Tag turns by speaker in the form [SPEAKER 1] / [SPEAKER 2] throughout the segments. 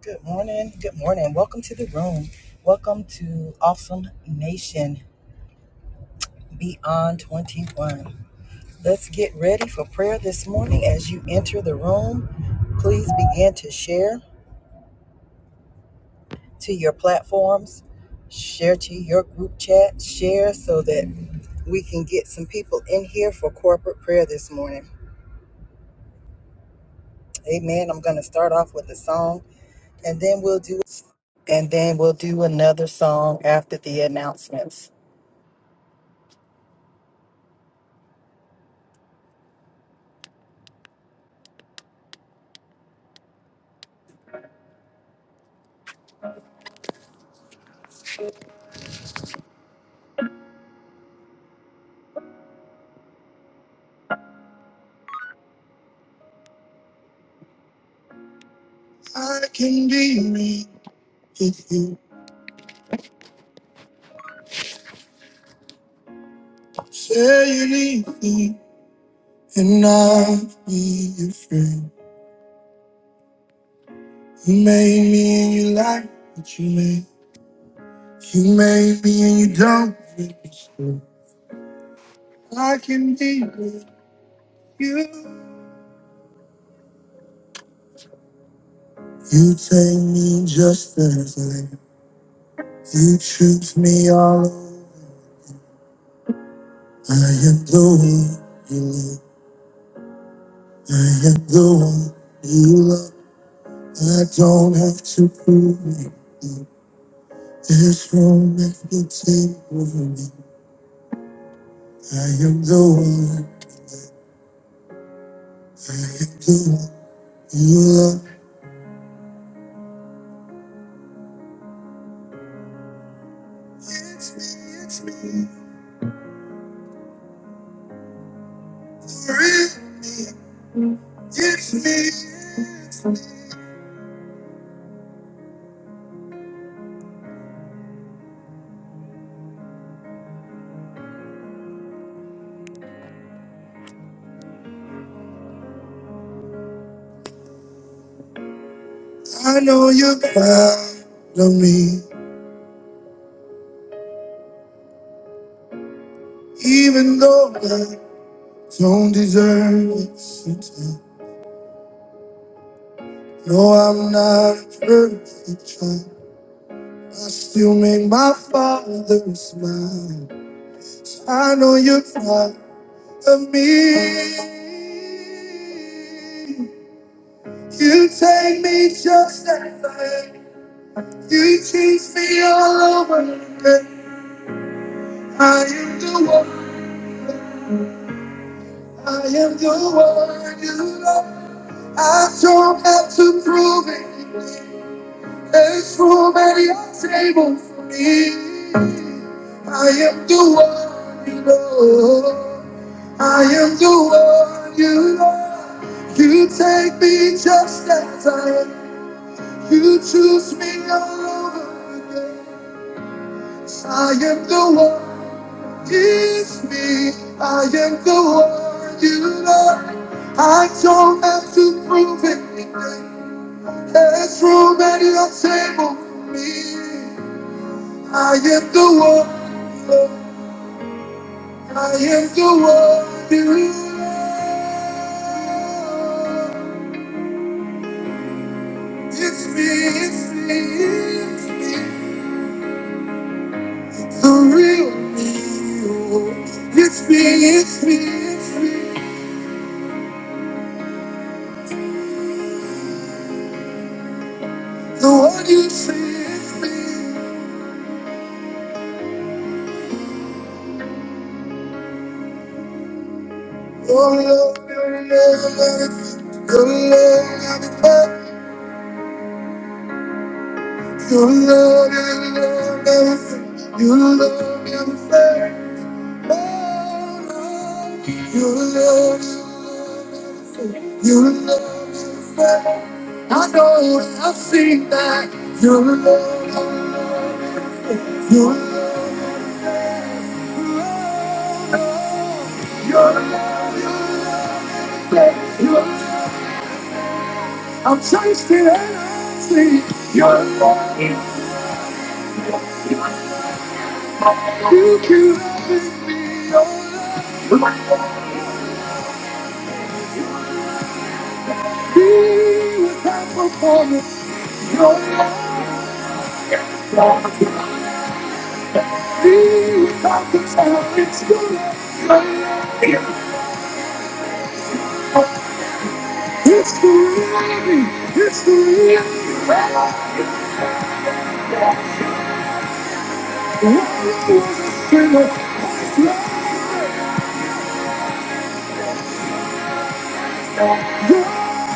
[SPEAKER 1] Good morning. Good morning. Welcome to the room. Welcome to Awesome Nation Beyond 21. Let's get ready for prayer this morning. As you enter the room, please begin to share to your platforms, share to your group chat, share so that we can get some people in here for corporate prayer this morning. Amen. I'm going to start off with a song and then we'll do and then we'll do another song after the announcements. I can be me if you say you leave me and not be afraid. You made me and you like what you made. You made me and you don't make me screw. I can be with you. You take me just as I am. You treat me all over. I am the one you love. I am the one you love. I don't have to prove it. This moment will take over me. I am the one. I am the one. You love. It's me. It's me. Real. It's me. I know you're proud of me, even though I don't deserve it. Sometimes. No, I'm not a perfect child. I still make my father smile. I know you're proud. of me. You take me just as I am. You teach me all over again. I am the one. I am the one you love. I don't have to prove it. There's room at your table for me. I am the one you love. I am the one you love. You take me just as I am. You choose me all over again. I am the one. It's me. I am the one you love. I don't have to prove anything. There's room at your table for me. I am the one. Lord. I am the one you love. It's me. It's me. It's me. The real me, It's me, it's me, it's me. The one you see, it's me. Your love, your love, the Lord, the Lord, Your love, your love everything. You love everything. You love everything. I know I've seen that. Your love, your love. It's the reality. It's the reality. Life was a sinner. Oh,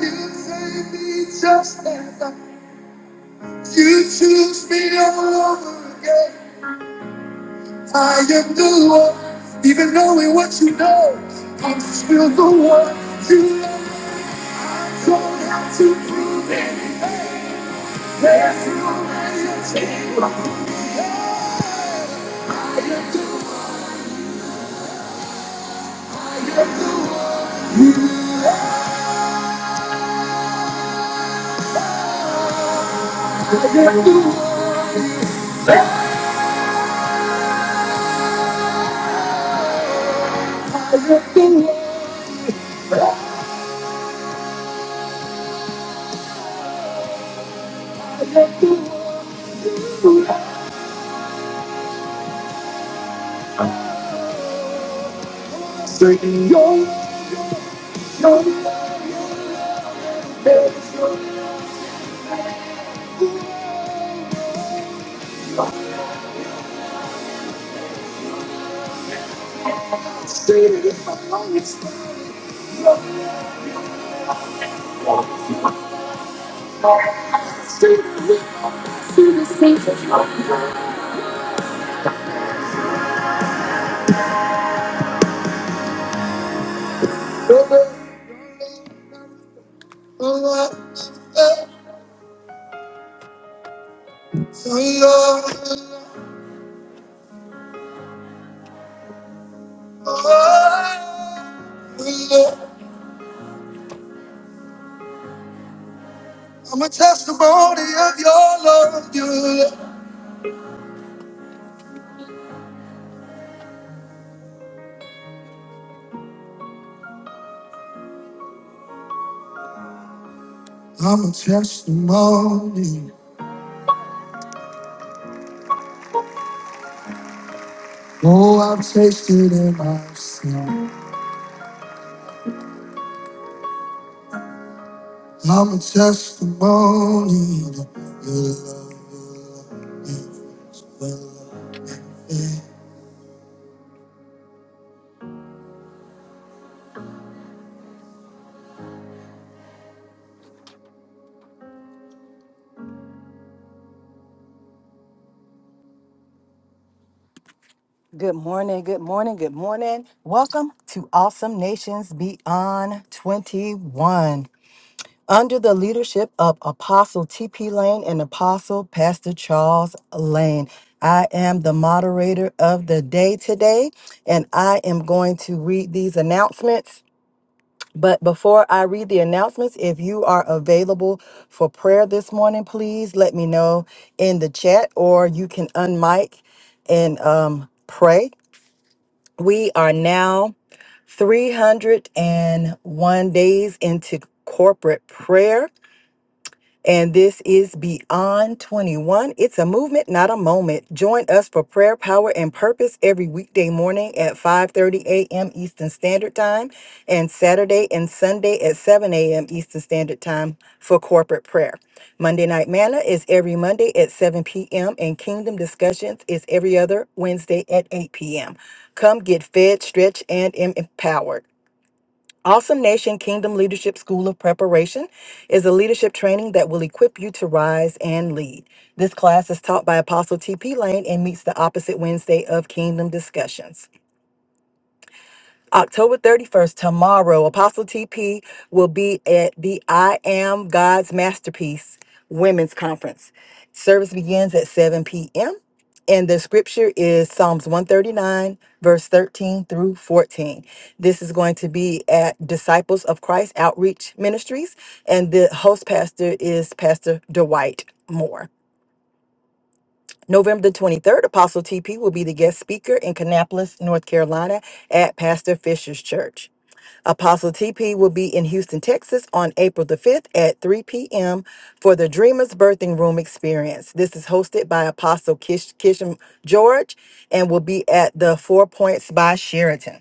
[SPEAKER 1] you saved me just like that. You choose me all over again. I am the one, even knowing what you know. I'm still the one you love. Don't have to prove it. There's no change. I am the one. I am the one. I am the one. Sing your Show me your face, Lord. Straight in my lungs, straight in my feelings. Oh, oh, oh, oh, oh. I'm a testimony of your love, your love. I'm a testimony. Oh, I've tasted and I've seen. I'm a testimony. of Your love, your love. Good morning, good morning, good morning. Welcome to Awesome Nations Beyond 21. Under the leadership of Apostle T.P. Lane and Apostle Pastor Charles Lane, I am the moderator of the day today, and I am going to read these announcements. But before I read the announcements, if you are available for prayer this morning, please let me know in the chat or you can unmic and um, pray. We are now 301 days into corporate prayer. And this is Beyond 21. It's a movement, not a moment. Join us for prayer, power, and purpose every weekday morning at 5:30 a.m. Eastern Standard Time and Saturday and Sunday at 7 a.m. Eastern Standard Time for corporate prayer. Monday Night Manna is every Monday at 7 p.m. and Kingdom Discussions is every other Wednesday at 8 p.m. Come get fed, stretched, and em- empowered. Awesome Nation Kingdom Leadership School of Preparation is a leadership training that will equip you to rise and lead. This class is taught by Apostle T.P. Lane and meets the opposite Wednesday of Kingdom Discussions. October 31st, tomorrow, Apostle TP will be at the I Am God's Masterpiece Women's Conference. Service begins at 7 p.m. And the scripture is Psalms 139, verse 13 through 14. This is going to be at Disciples of Christ Outreach Ministries. And the host pastor is Pastor Dwight Moore. November the 23rd, Apostle TP will be the guest speaker in Kannapolis, North Carolina at Pastor Fisher's Church. Apostle TP will be in Houston, Texas on April the 5th at 3 p.m. for the Dreamers Birthing Room Experience. This is hosted by Apostle Kish- Kisham George and will be at the Four Points by Sheraton.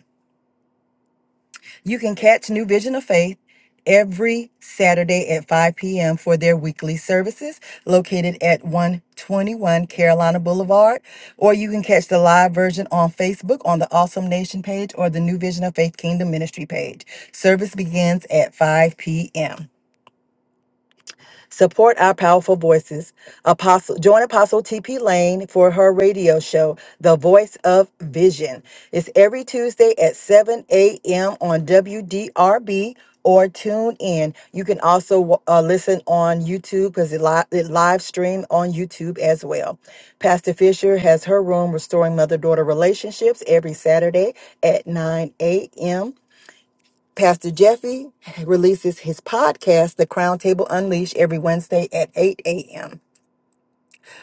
[SPEAKER 1] You can catch New Vision of Faith every Saturday at 5 p.m. for their weekly services located at 121 Carolina Boulevard. Or you can catch the live version on Facebook on the Awesome Nation page or the New Vision of Faith Kingdom Ministry page. Service begins at 5 p.m. Support our powerful voices. Apostle, join Apostle TP Lane for her radio show, The Voice of Vision. It's every Tuesday at 7 a.m. on WDRB or tune in. You can also uh, listen on YouTube because it, li- it live stream on YouTube as well. Pastor Fisher has her room restoring mother daughter relationships every Saturday at 9 a.m. Pastor Jeffy releases his podcast, The Crown Table Unleashed, every Wednesday at 8 a.m.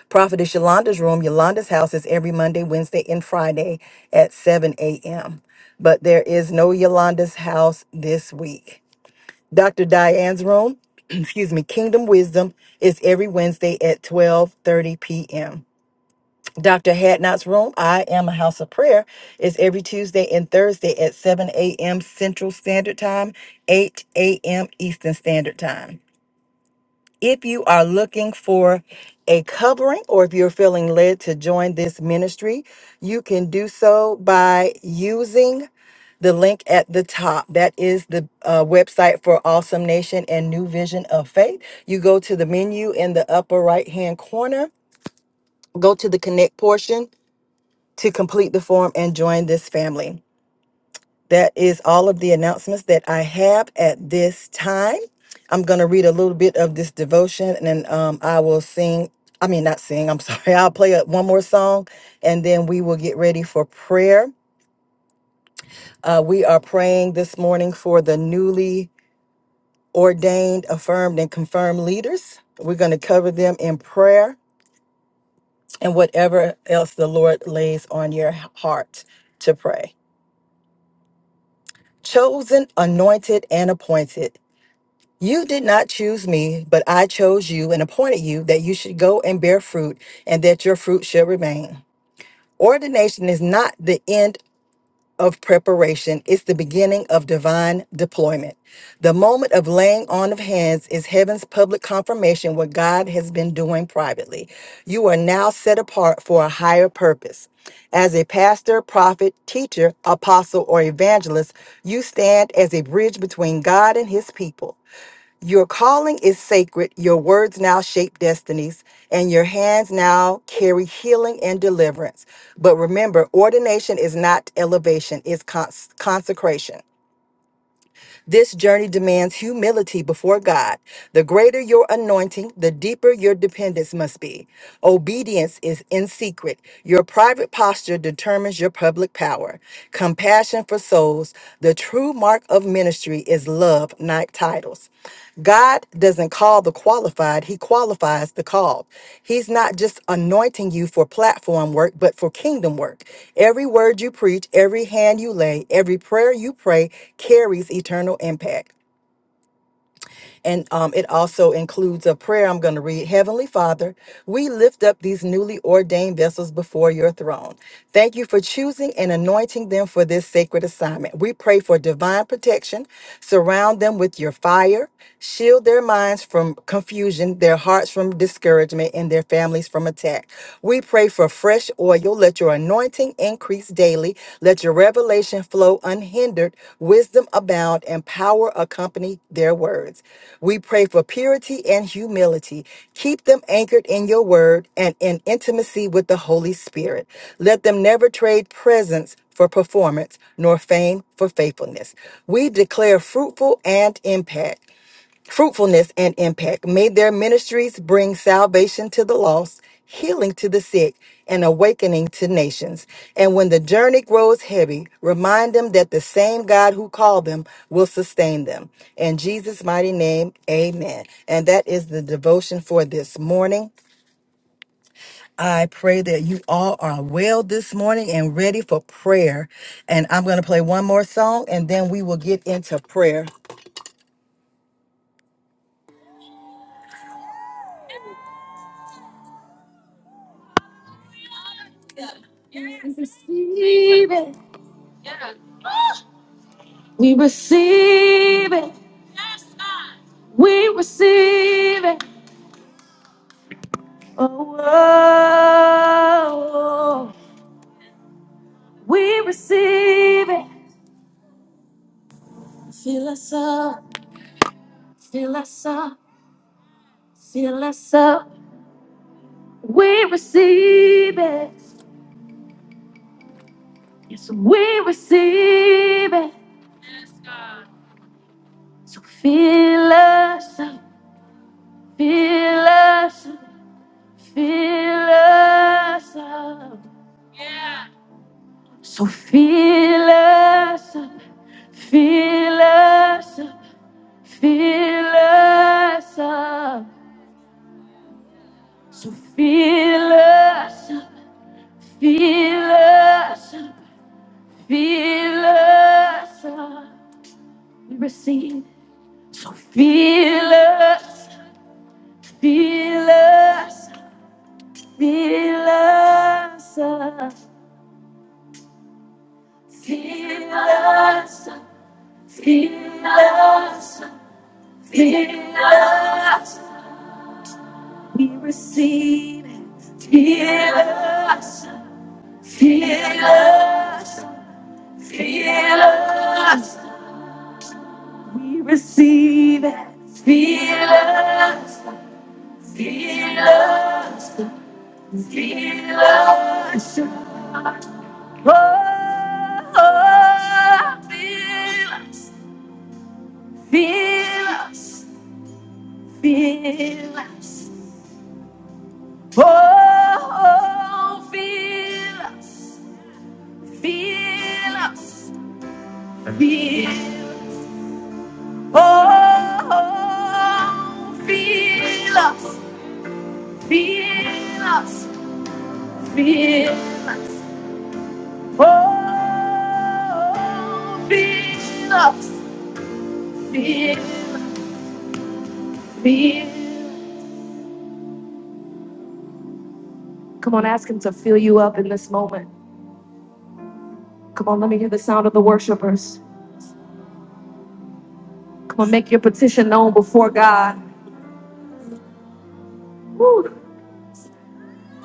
[SPEAKER 1] Prophetess Yolanda's Room, Yolanda's House is every Monday, Wednesday, and Friday at 7 a.m. But there is no Yolanda's House this week. Dr. Diane's Room, excuse me, Kingdom Wisdom is every Wednesday at 12.30 p.m. Dr. Hadnot's Room, I Am a House of Prayer, is every Tuesday and Thursday at 7 a.m. Central Standard Time, 8 a.m. Eastern Standard Time. If you are looking for a covering or if you're feeling led to join this ministry, you can do so by using the link at the top. That is the uh, website for Awesome Nation and New Vision of Faith. You go to the menu in the upper right hand corner, go to the connect portion to complete the form and join this family. That is all of the announcements that I have at this time. I'm going to read a little bit of this devotion and then um, I will sing. I mean, not sing, I'm sorry. I'll play a- one more song and then we will get ready for prayer. Uh, we are praying this morning for the newly ordained, affirmed, and confirmed leaders. We're going to cover them in prayer and whatever else the Lord lays on your heart to pray. Chosen, anointed, and appointed. You did not choose me, but I chose you and appointed you that you should go and bear fruit and that your fruit shall remain. Ordination is not the end of preparation is the beginning of divine deployment. The moment of laying on of hands is heaven's public confirmation what God has been doing privately. You are now set apart for a higher purpose. As a pastor, prophet, teacher, apostle, or evangelist, you stand as a bridge between God and his people. Your calling is sacred. Your words now shape destinies, and your hands now carry healing and deliverance. But remember, ordination is not elevation, it's cons- consecration. This journey demands humility before God. The greater your anointing, the deeper your dependence must be. Obedience is in secret. Your private posture determines your public power. Compassion for souls. The true mark of ministry is love, not titles. God doesn't call the qualified, He qualifies the called. He's not just anointing you for platform work, but for kingdom work. Every word you preach, every hand you lay, every prayer you pray carries eternal impact. And um, it also includes a prayer I'm going to read Heavenly Father, we lift up these newly ordained vessels before your throne. Thank you for choosing and anointing them for this sacred assignment. We pray for divine protection. Surround them with your fire. Shield their minds from confusion, their hearts from discouragement, and their families from attack. We pray for fresh oil. Let your anointing increase daily. Let your revelation flow unhindered, wisdom abound, and power accompany their words. We pray for purity and humility. Keep them anchored in your word and in intimacy with the Holy Spirit. Let them never trade presence for performance, nor fame for faithfulness. We declare fruitful and impact fruitfulness and impact. May their ministries bring salvation to the lost, healing to the sick, and awakening to nations. And when the journey grows heavy, remind them that the same God who called them will sustain them. In Jesus' mighty name, amen. And that is the devotion for this morning. I pray that you all are well this morning and ready for prayer. And I'm going to play one more song and then we will get into prayer. We receive it. We receive it. Oh, oh, oh. we receive it. Fill us up, fill us up, fill us up. We receive it. Yes, we receive it. So fill us up, fill us up, fill us up. Yeah. So fill us up, fill us up. Fill us up, so fill us up, fill us up, fill us up. We receive, so fill us, fill us, fill us up, fill us up, fill us up, fill us. up. We receive, it, fill us, fill us. Feel us, we receive it. Feel us, feel us, feel us. Oh, oh, feel us, feel us, feel us. Oh, oh, feel us, feel us, feel. Oh, oh, feel us. Feel us, feel us, oh, feel us, feel, feel. Come on, ask Him to fill you up in this moment. Come on, let me hear the sound of the worshipers. Come on, make your petition known before God. Woo,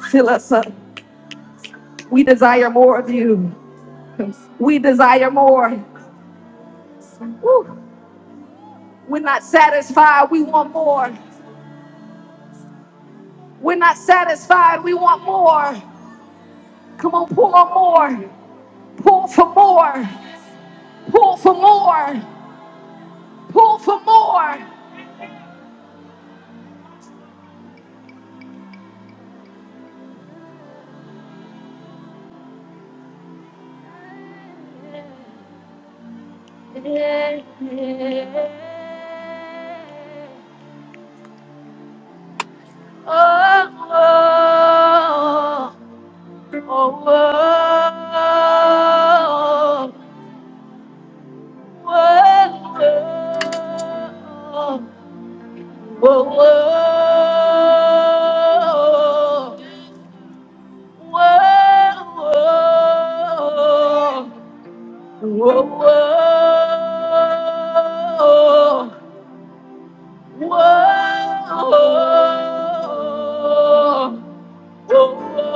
[SPEAKER 1] fill us up. We desire more of you. We desire more. Woo, we're not satisfied. We want more. We're not satisfied. We want more. Come on, pour more. Pour for more. Pull for more. Pull for more. Oh, oh, oh, oh, oh, oh, oh, oh, oh, oh, oh, oh, oh. Whoa, whoa, whoa, whoa,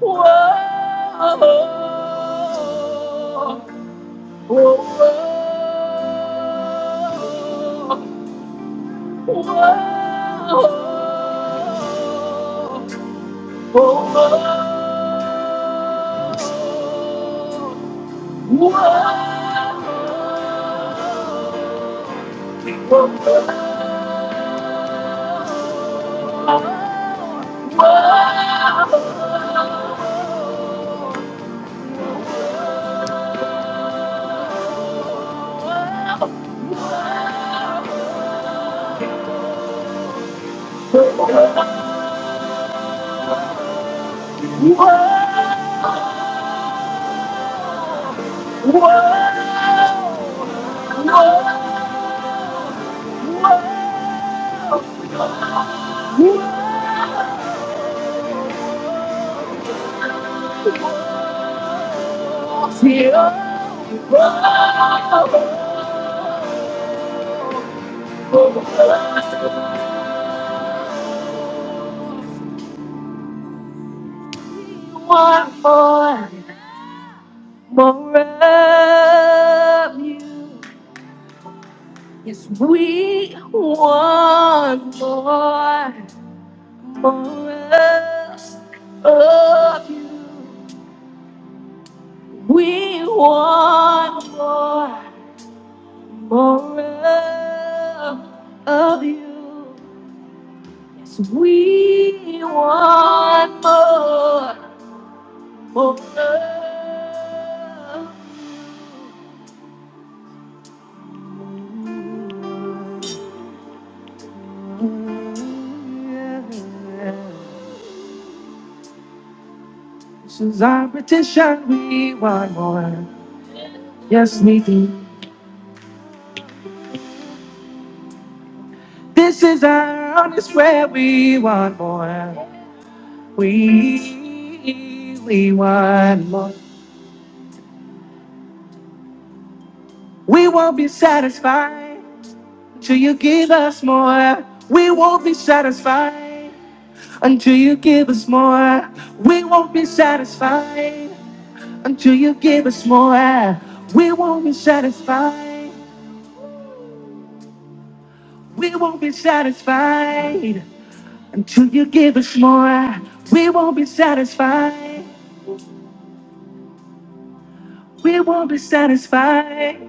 [SPEAKER 1] whoa, whoa, whoa. whoa, One more, more of you. Yes, we want more, more of you. We want more, more of, of you. Yes, we want more, more of you. This is our petition, we want more. Yes, we do. This is our honest prayer, we want more. We, we want more. We won't be satisfied until you give us more. We won't be satisfied until you give us more. We won't be satisfied until you give us more. air, We won't be satisfied. We won't be satisfied until you give us more. air, We won't be satisfied. We won't be satisfied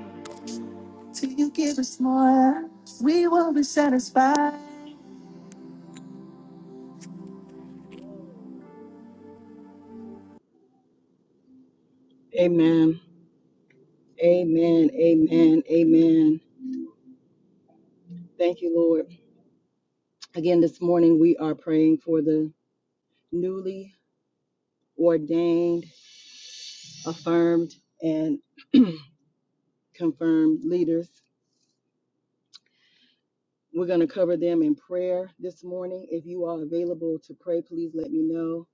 [SPEAKER 1] till you give us more. air, We won't be satisfied. Amen. Amen. Amen. Amen. Thank you, Lord. Again, this morning we are praying for the newly ordained, affirmed, and confirmed leaders We're going to cover them in prayer this morning. If you are available to pray, please let me know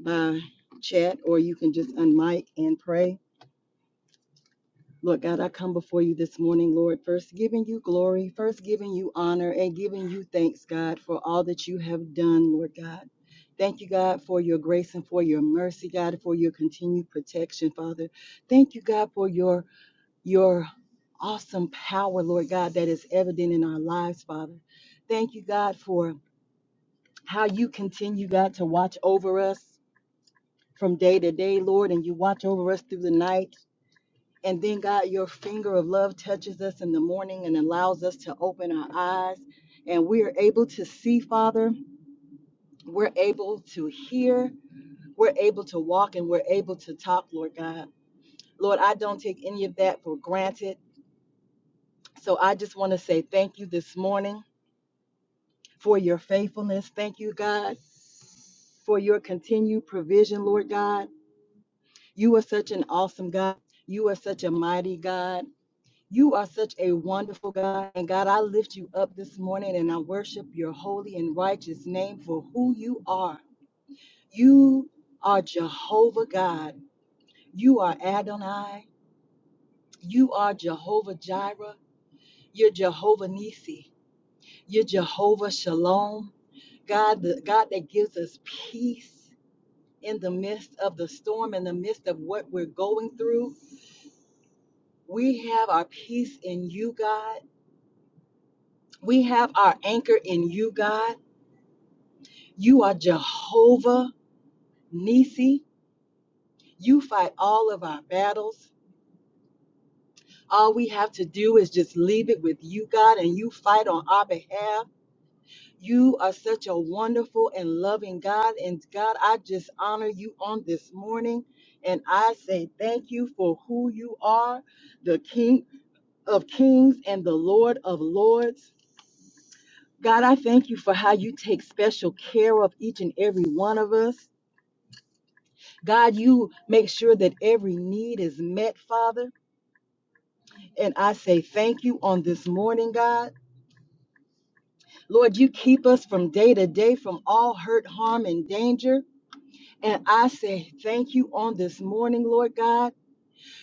[SPEAKER 1] by chat or you can just unmic and pray. Lord God, I come before you this morning, Lord, first giving you glory, first giving you honor, and giving you thanks, God, for all that you have done, Lord God. Thank you, God, for your grace and for your mercy, God, for your continued protection, Father. Thank you, God, for your your awesome power, Lord God, that is evident in our lives, Father. Thank you, God, for how you continue, God, to watch over us from day to day, Lord, and you watch over us through the night. And then, God, your finger of love touches us in the morning and allows us to open our eyes. And we are able to see, Father. We're able to hear. We're able to walk and we're able to talk, Lord God. Lord, I don't take any of that for granted. So I just want to say thank you this morning for your faithfulness. Thank you, God, for your continued provision, Lord God. You are such an awesome God. You are such a mighty God. You are such a wonderful God. And God, I lift you up this morning and I worship your holy and righteous name for who you are. You are Jehovah God. You are Adonai. You are Jehovah Jireh. You're Jehovah Nissi. You're Jehovah Shalom. God, the God that gives us peace in the midst of the storm, in the midst of what we're going through. We have our peace in you, God. We have our anchor in you, God. You are Jehovah Nissi. You fight all of our battles. All we have to do is just leave it with you, God, and you fight on our behalf. You are such a wonderful and loving God. And God, I just honor you on this morning. And I say thank you for who you are, the King of Kings and the Lord of Lords. God, I thank you for how you take special care of each and every one of us. God, you make sure that every need is met, Father. And I say thank you on this morning, God. Lord, you keep us from day to day from all hurt, harm, and danger. And I say thank you on this morning, Lord God.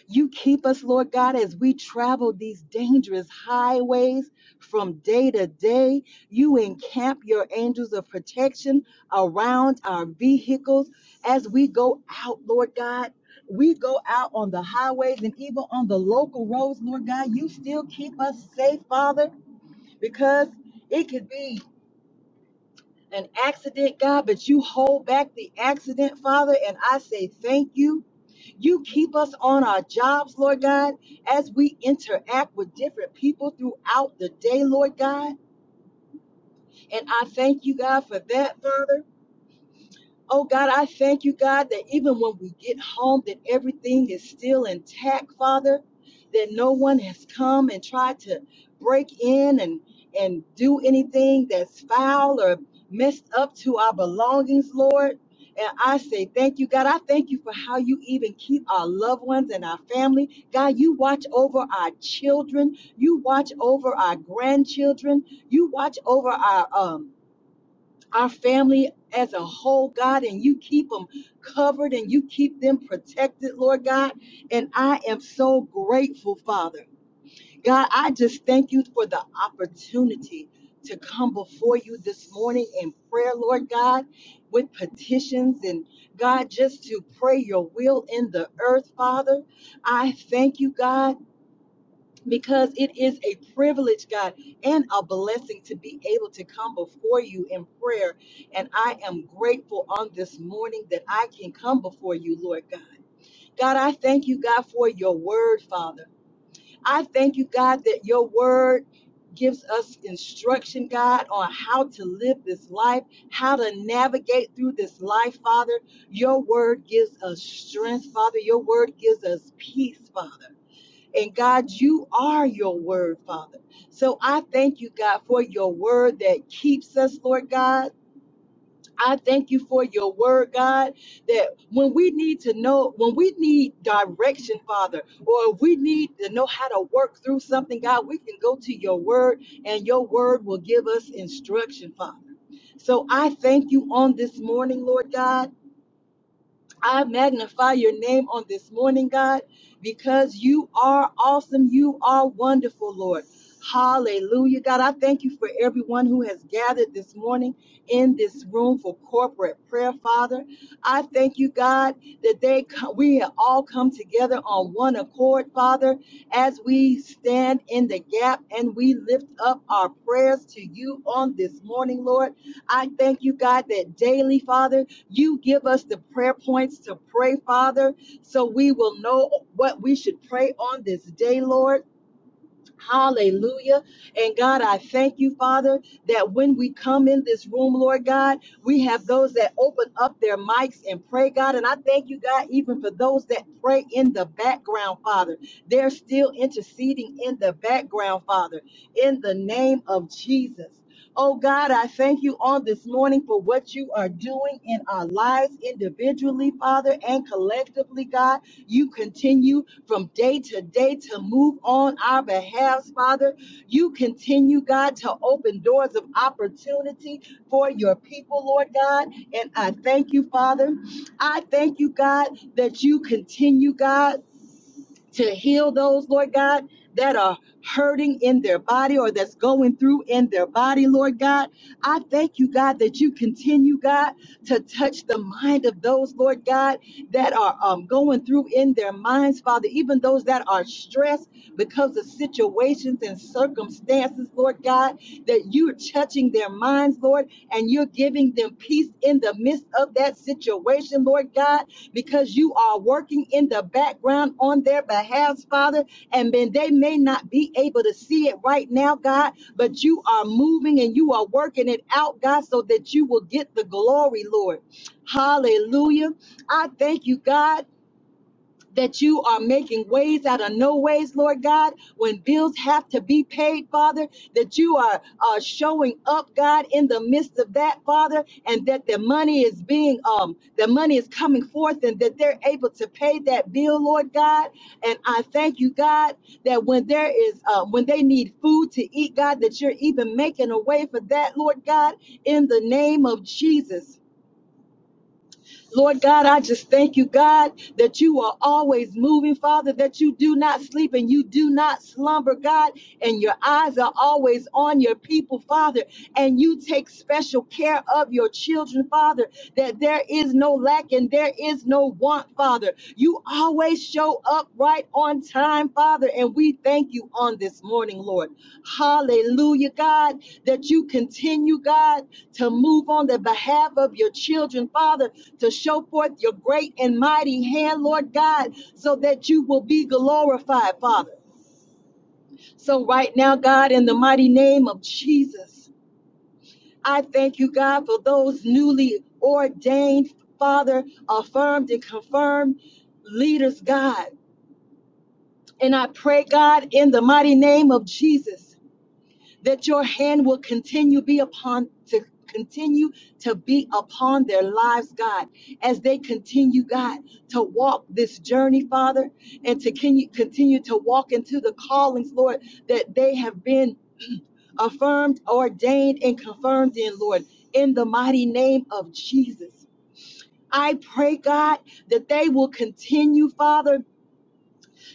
[SPEAKER 1] You keep us, Lord God, as we travel these dangerous highways from day to day. You encamp your angels of protection around our vehicles as we go out, Lord God. We go out on the highways and even on the local roads, Lord God. You still keep us safe, Father, because it could be an accident, God, but you hold back the accident, Father. And I say thank you. You keep us on our jobs, Lord God, as we interact with different people throughout the day, Lord God. And I thank you, God, for that, Father. Oh God, I thank you, God, that even when we get home, that everything is still intact, Father, that no one has come and tried to break in and, and do anything that's foul or messed up to our belongings, Lord. And I say thank you, God. I thank you for how you even keep our loved ones and our family. God, you watch over our children. You watch over our grandchildren. You watch over our um, our family as a whole, God, and you keep them covered and you keep them protected, Lord God. And I am so grateful, Father. God, I just thank you for the opportunity to come before you this morning in prayer, Lord God, with petitions and God, just to pray your will in the earth, Father. I thank you, God because it is a privilege, God, and a blessing to be able to come before you in prayer. And I am grateful on this morning that I can come before you, Lord God. God, I thank you, God, for your word, Father. I thank you, God, that your word gives us instruction, God, on how to live this life, how to navigate through this life, Father. Your word gives us strength, Father. Your word gives us peace, Father. And God, you are your word, Father. So I thank you, God, for your word that keeps us, Lord God. I thank you for your word, God, that when we need to know, when we need direction, Father, or if we need to know how to work through something, God, we can go to your word and your word will give us instruction, Father. So I thank you on this morning, Lord God. I magnify your name on this morning, God, because you are awesome. You are wonderful, Lord. Hallelujah. God, I thank you for everyone who has gathered this morning in this room for corporate prayer, Father. I thank you, God, that they co- we have all come together on one accord, Father, as we stand in the gap and we lift up our prayers to you on this morning, Lord. I thank you, God, that daily, Father, you give us the prayer points to pray, Father, so we will know what we should pray on this day, Lord. Hallelujah. And God, I thank you, Father, that when we come in this room, Lord God, we have those that open up their mics and pray, God. And I thank you, God, even for those that pray in the background, Father. They're still interceding in the background, Father, in the name of Jesus. Oh God, I thank you on this morning for what you are doing in our lives individually, Father, and collectively, God. You continue from day to day to move on our behalf, Father. You continue, God, to open doors of opportunity for your people, Lord God. And I thank you, Father. I thank you, God, that you continue, God to heal those, Lord God, that are hurting in their body or that's going through in their body, Lord God. I thank you, God, that you continue, God, to touch the mind of those, Lord God, that are um, going through in their minds, Father, even those that are stressed because of situations and circumstances, Lord God, that you're touching their minds, Lord, and you're giving them peace in the midst of that situation, Lord God because you are working in the background on their behalf, Father. And then they may not be able to see it right now, God, but you are moving and you are working it out, God, so that you will get the glory, Lord. Hallelujah. I thank you, God that you are making ways out of no ways, Lord God, when bills have to be paid, Father, that you are uh, showing up, God, in the midst of that, Father, and that the money is being, um, the money is coming forth and that they're able to pay that bill, Lord God. And I thank you, God, that when there is, uh, when they need food to eat, God, that you're even making a way for that, Lord God, in the name of Jesus. Lord God, I just thank you, God, that you are always moving, Father, that you do not sleep and you do not slumber, God, and your eyes are always on your people, Father, and you take special care of your children, Father, that there is no lack and there is no want, Father. You always show up right on time, Father. And we thank you on this morning, Lord. Hallelujah, God, that you continue, God, to move on the behalf of your children, Father, to show forth your great and mighty hand, Lord God, so that you will be glorified, Father. So, right now, God, in the mighty name of Jesus, I thank you, God, for those newly ordained, Father, affirmed and confirmed leaders, God. And I pray, God, in the mighty name of Jesus, that your hand will continue be upon to continue to be upon their lives, God, as they continue, God, to walk this journey, Father, and to can you continue to walk into the callings, Lord, that they have been affirmed, ordained, and confirmed in, Lord, in the mighty name of Jesus. I pray, God, that they will continue, Father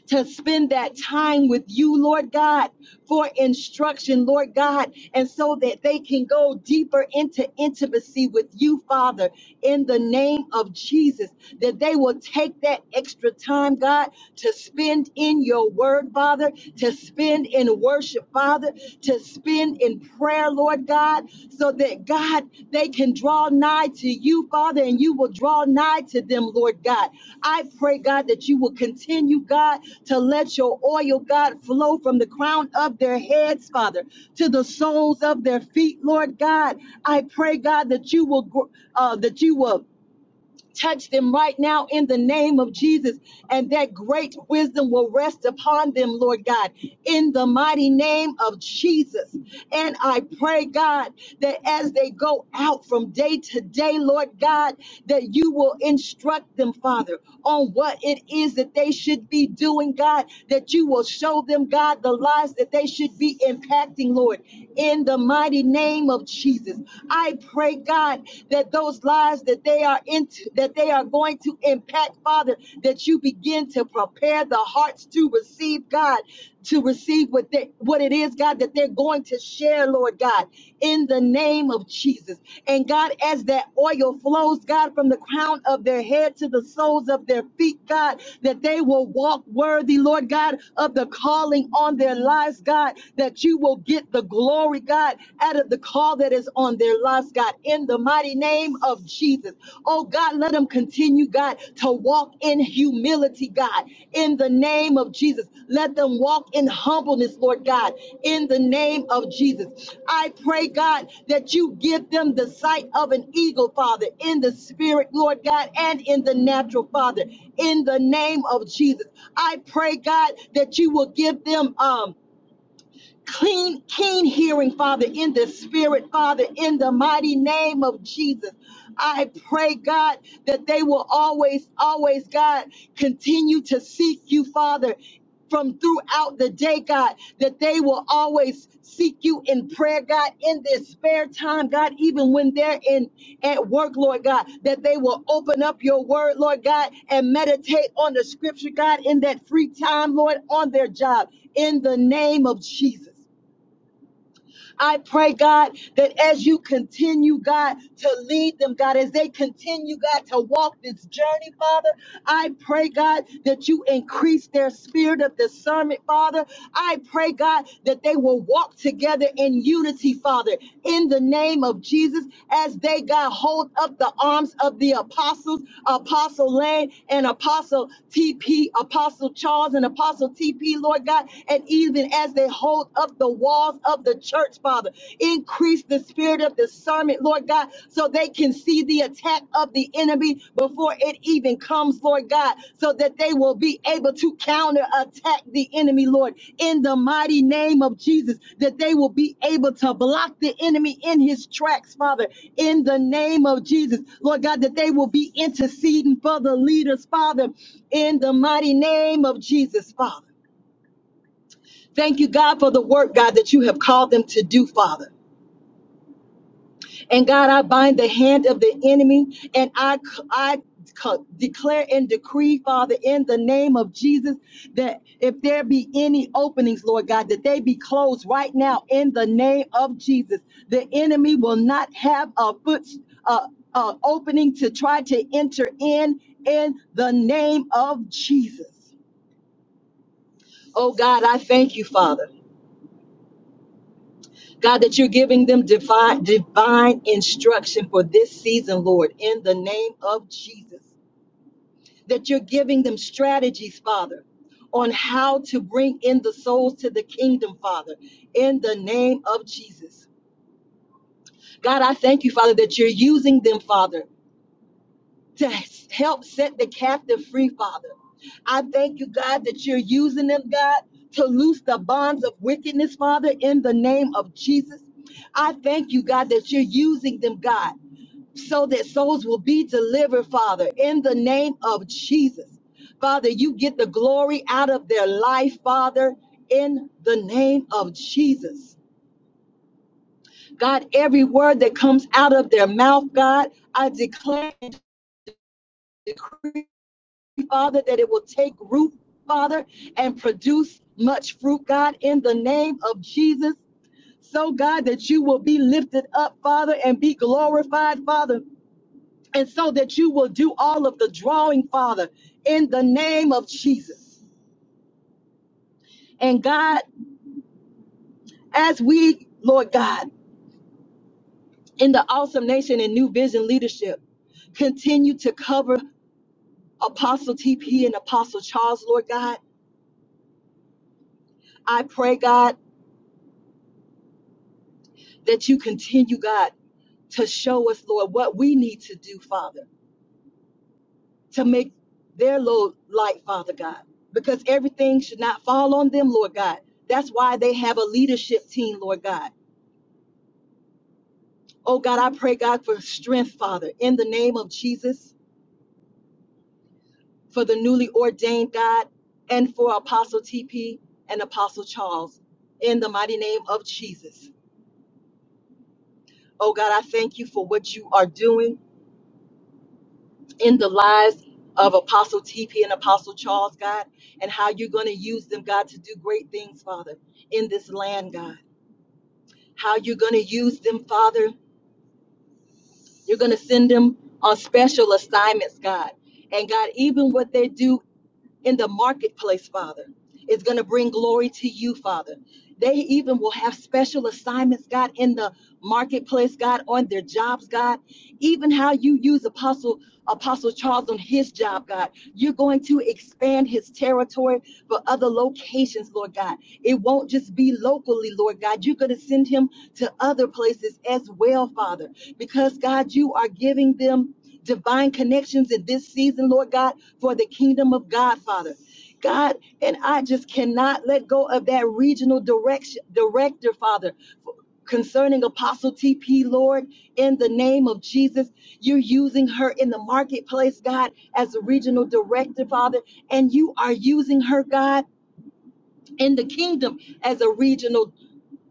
[SPEAKER 1] to spend that time with you, Lord God, for instruction, Lord God, and so that they can go deeper into intimacy with you, Father, in the name of Jesus, that they will take that extra time, God, to spend in your word, Father, to spend in worship, Father, to spend in prayer, Lord God, so that God, they can draw nigh to you, Father, and you will draw nigh to them, Lord God. I pray, God, that you will continue, God, to let your oil, God, flow from the crown of their heads, Father, to the soles of their feet, Lord God. I pray, God, that you will, gr- uh, that you will. Touch them right now in the name of Jesus, and that great wisdom will rest upon them, Lord God, in the mighty name of Jesus. And I pray, God, that as they go out from day to day, Lord God, that you will instruct them, Father, on what it is that they should be doing, God, that you will show them, God, the lives that they should be impacting, Lord, in the mighty name of Jesus. I pray, God. God, that those lives that they are into, that they are going to impact, Father, that you begin to prepare the hearts to receive God, to receive what they, what it is, God, that they're going to share, Lord God, in the name of Jesus. And God, as that oil flows, God, from the crown of their head to the soles of their feet, God, that they will walk worthy, Lord God, of the calling on their lives, God, that you will get the glory, God God, out of the call that is on their lives, God, in the mighty name of Jesus. Oh, God, let them continue, God, to walk in humility, God, in the name of Jesus. Let them walk in humbleness, Lord God, in the name of Jesus. I pray, God, that you give them the sight of an eagle, Father, in the spirit, Lord God, and in the natural, Father, in the name of Jesus. I pray, God, that you will give them, um, clean, keen hearing, Father, in the spirit, Father, in the mighty name of Jesus. I pray, God, that they will always, always, God, continue to seek you, Father. From throughout the day, God, that they will always seek you in prayer, God, in their spare time, God, even when they're in at work, Lord God, that they will open up your word, Lord God, and meditate on the scripture, God, in that free time, Lord, on their job in the name of Jesus. I pray, God, that as you continue, God, to lead them, God, as they continue, God, to walk this journey, Father, I pray, God, that you increase their spirit of discernment, Father. I pray, God, that they will walk together in unity, Father, in the name of Jesus, as they, God, hold up the arms of the apostles, Apostle Lane and Apostle TP, Apostle Charles and Apostle TP, Lord God, and even as they hold up the walls of the church, Father. Increase the spirit of discernment, Lord God, so they can see the attack of the enemy before it even comes, Lord God, so that they will be able to counterattack the enemy, Lord, in the mighty name of Jesus, that they will be able to block the enemy in his tracks, Father, in the name of Jesus, Lord God, that they will be interceding for the leaders, Father, in the mighty name of Jesus, Father. Thank you, God, for the work, God, that you have called them to do, Father. And God, I bind the hand of the enemy and I, I declare and decree, Father, in the name of Jesus, that if there be any openings, Lord God, that they be closed right now in the name of Jesus. The enemy will not have a foot, uh, uh, opening to try to enter in, in the name of Jesus. Oh God, I thank you, Father. God, that you're giving them divine, divine instruction for this season, Lord, in the name of Jesus. That you're giving them strategies, Father, on how to bring in the souls to the kingdom, Father, in the name of Jesus. God, I thank you, Father, that you're using them, Father. to help set the captive free, Father. I thank you, God, that you're using them, God, to loose the bonds of wickedness, Father, in the name of Jesus. I thank you, God, that you're using them, God, so that souls will be delivered, Father, in the name of Jesus. Father, you get the glory out of their life, Father, in the name of Jesus. God, every word that comes out of their mouth, God, I declare and decree. Father, that it will take root, Father, and produce much fruit, God, in the name of Jesus. So, God, that you will be lifted up, Father, and be glorified, Father, and so that you will do all of the drawing, Father, in the name of Jesus. And God, as we, Lord God, in the awesome nation and new vision leadership, continue to cover Apostle TP and Apostle Charles, Lord God. I pray, God, that you continue, God, to show us, Lord, what we need to do, Father, to make their load light, Father God, because everything should not fall on them, Lord God. That's why they have a leadership team, Lord God. Oh God, I pray, God, for strength, Father, in the name of Jesus, for the newly ordained God, and for Apostle TP and Apostle Charles, in the mighty name of Jesus. Oh God, I thank you for what you are doing. in the lives of Apostle TP and Apostle Charles, God, and how you're going to use them, God, to do great things, Father, in this land, God. How you're going to use them, Father. You're going to send them on special assignments, God. And God, even what they do in the marketplace, Father. It's going to bring glory to you, Father. They even will have special assignments, God, in the marketplace, God, on their jobs, God. Even how you use Apostle Apostle Charles on his job, God. You're going to expand his territory for other locations, Lord God. It won't just be locally, Lord God. You're going to send him to other places as well, Father, because God, you are giving them divine connections in this season, Lord God for the kingdom of God, Father. God, and I just cannot let go of that regional direction, director, Father, concerning Apostle TP, Lord, in the name of Jesus. You're using her in the marketplace, God, as a regional director, Father, and you are using her, God, in the kingdom as a regional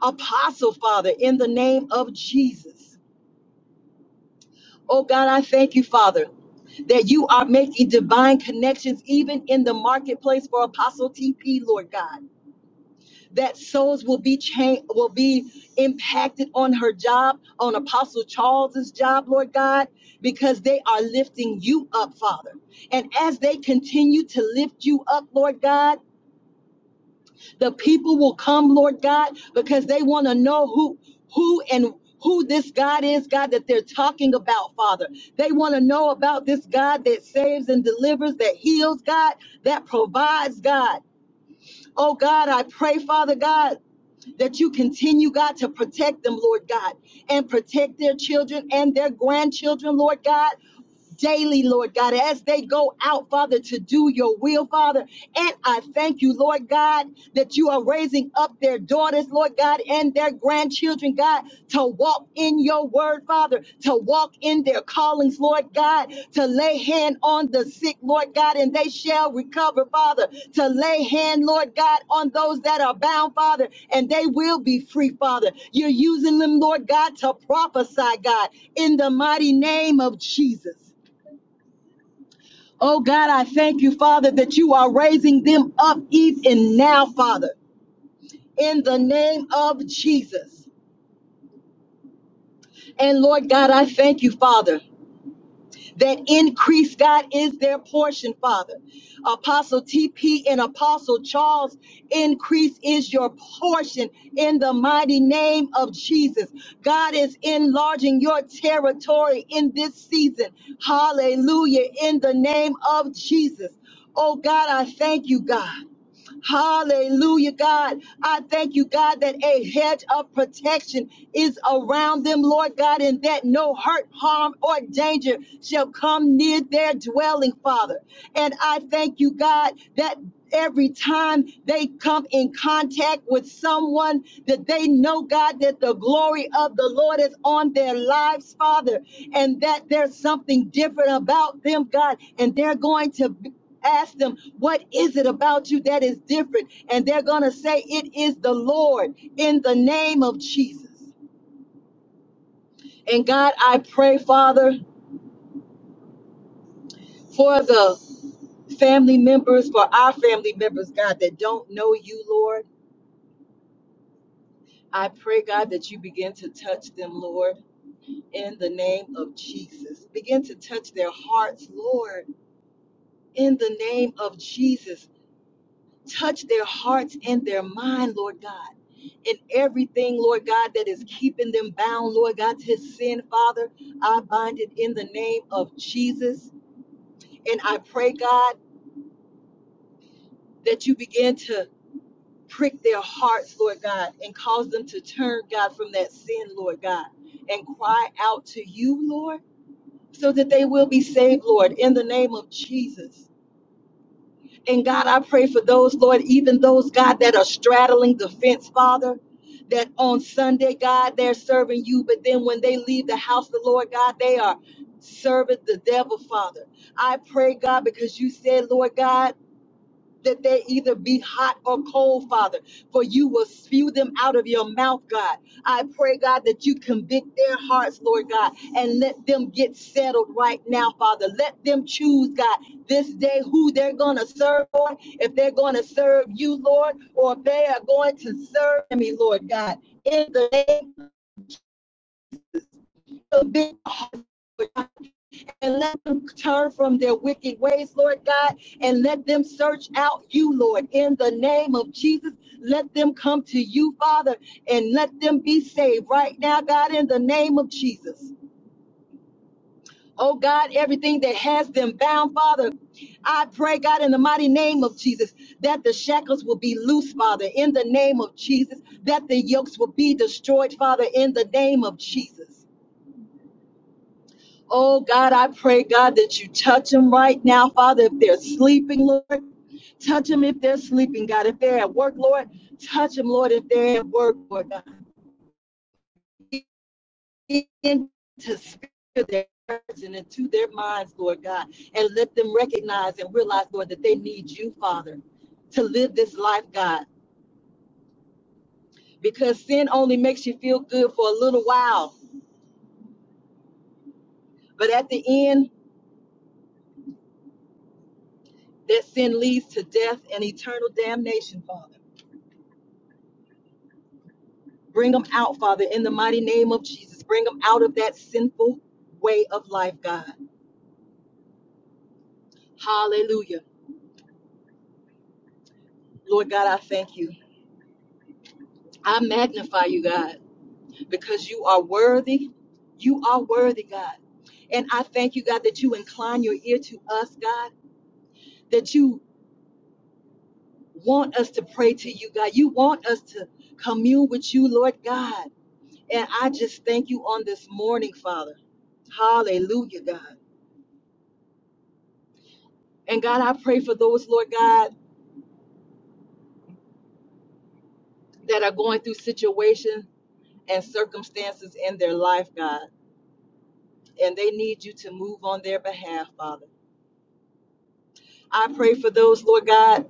[SPEAKER 1] apostle, Father, in the name of Jesus. Oh God, I thank you, Father, that you are making divine connections even in the marketplace for Apostle TP, Lord God. That souls will be changed, will be impacted on her job, on Apostle Charles's job, Lord God, because they are lifting you up, Father. And as they continue to lift you up, Lord God. The people will come, Lord God, because they want to know who who and who this God is, God, that they're talking about, Father. They want to know about this God that saves and delivers, that heals, God, that provides, God. Oh, God, I pray, Father God, that you continue, God, to protect them, Lord God, and protect their children and their grandchildren, Lord God daily, Lord God, as they go out, Father, to do your will, Father. And I thank you, Lord God, that you are raising up their daughters, Lord God, and their grandchildren, God, to walk in your word, Father, to walk in their callings, Lord God, to lay hand on the sick, Lord God, and they shall recover, Father, to lay hand, Lord God, on those that are bound, Father, and they will be free, Father. You're using them, Lord God, to prophesy, God, in the mighty name of Jesus. Oh God, I thank you, Father, that you are raising them up even now, Father, in the name of Jesus. And Lord God, I thank you, Father, that increase, God, is their portion, Father. Apostle TP and Apostle Charles, increase is your portion in the mighty name of Jesus. God is enlarging your territory in this season. Hallelujah, in the name of Jesus. Oh God, I thank you, God. Hallelujah, God. I thank you, God, that a hedge of protection is around them, Lord God, and that no hurt, harm, or danger shall come near their dwelling, Father. And I thank you, God, that every time they come in contact with someone that they know, God, that the glory of the Lord is on their lives, Father, and that there's something different about them, God, and they're going to. Ask them, what is it about you that is different? And they're going to say, it is the Lord in the name of Jesus. And God, I pray, Father, for the family members, for our family members, God, that don't know you, Lord. I pray, God, that you begin to touch them, Lord, in the name of Jesus. Begin to touch their hearts, Lord, in the name of Jesus. Touch their hearts and their mind, Lord God. And everything, Lord God, that is keeping them bound, Lord God, to sin, Father, I bind it in the name of Jesus. And I pray, God, that you begin to prick their hearts, Lord God, and cause them to turn, God, from that sin, Lord God, and cry out to you, Lord, so that they will be saved, Lord, in the name of Jesus. And God, I pray for those, Lord, even those, God, that are straddling the fence, Father. That on Sunday, God, they're serving you, but then when they leave the house, of the Lord God, they are serving the devil, Father. I pray, God, because you said, Lord God that they either be hot or cold, Father, for you will spew them out of your mouth, God. I pray, God, that you convict their hearts, Lord God, and let them get settled right now, Father. Let them choose, God, this day who they're going to serve, Lord, if they're going to serve you, Lord, or if they are going to serve me, Lord God. In the name of the and let them turn from their wicked ways, Lord God, and let them search out you, Lord, in the name of Jesus. Let them come to you, Father, and let them be saved right now, God, in the name of Jesus. Oh God, everything that has them bound, Father, I pray, God, in the mighty name of Jesus, that the shackles will be loose, Father, in the name of Jesus, that the yokes will be destroyed, Father, in the name of Jesus. Oh God, I pray, God, that you touch them right now, Father. If they're sleeping, Lord, touch them if they're sleeping, God. If they're at work, Lord, touch them, Lord, if they're at work, Lord, God. Into their hearts and into their minds, Lord God, and let them recognize and realize, Lord, that they need you, Father, to live this life, God. Because sin only makes you feel good for a little while, but at the end, that sin leads to death and eternal damnation, Father. Bring them out, Father, in the mighty name of Jesus. Bring them out of that sinful way of life, God. Hallelujah. Lord God, I thank you. I magnify you, God, because you are worthy. You are worthy, God. And I thank you, God, that you incline your ear to us, God, that you want us to pray to you, God. You want us to commune with you, Lord God. And I just thank you on this morning, Father. Hallelujah, God. And God, I pray for those, Lord God. that are going through situations and circumstances in their life, God, and they need you to move on their behalf, Father. I pray for those, Lord God,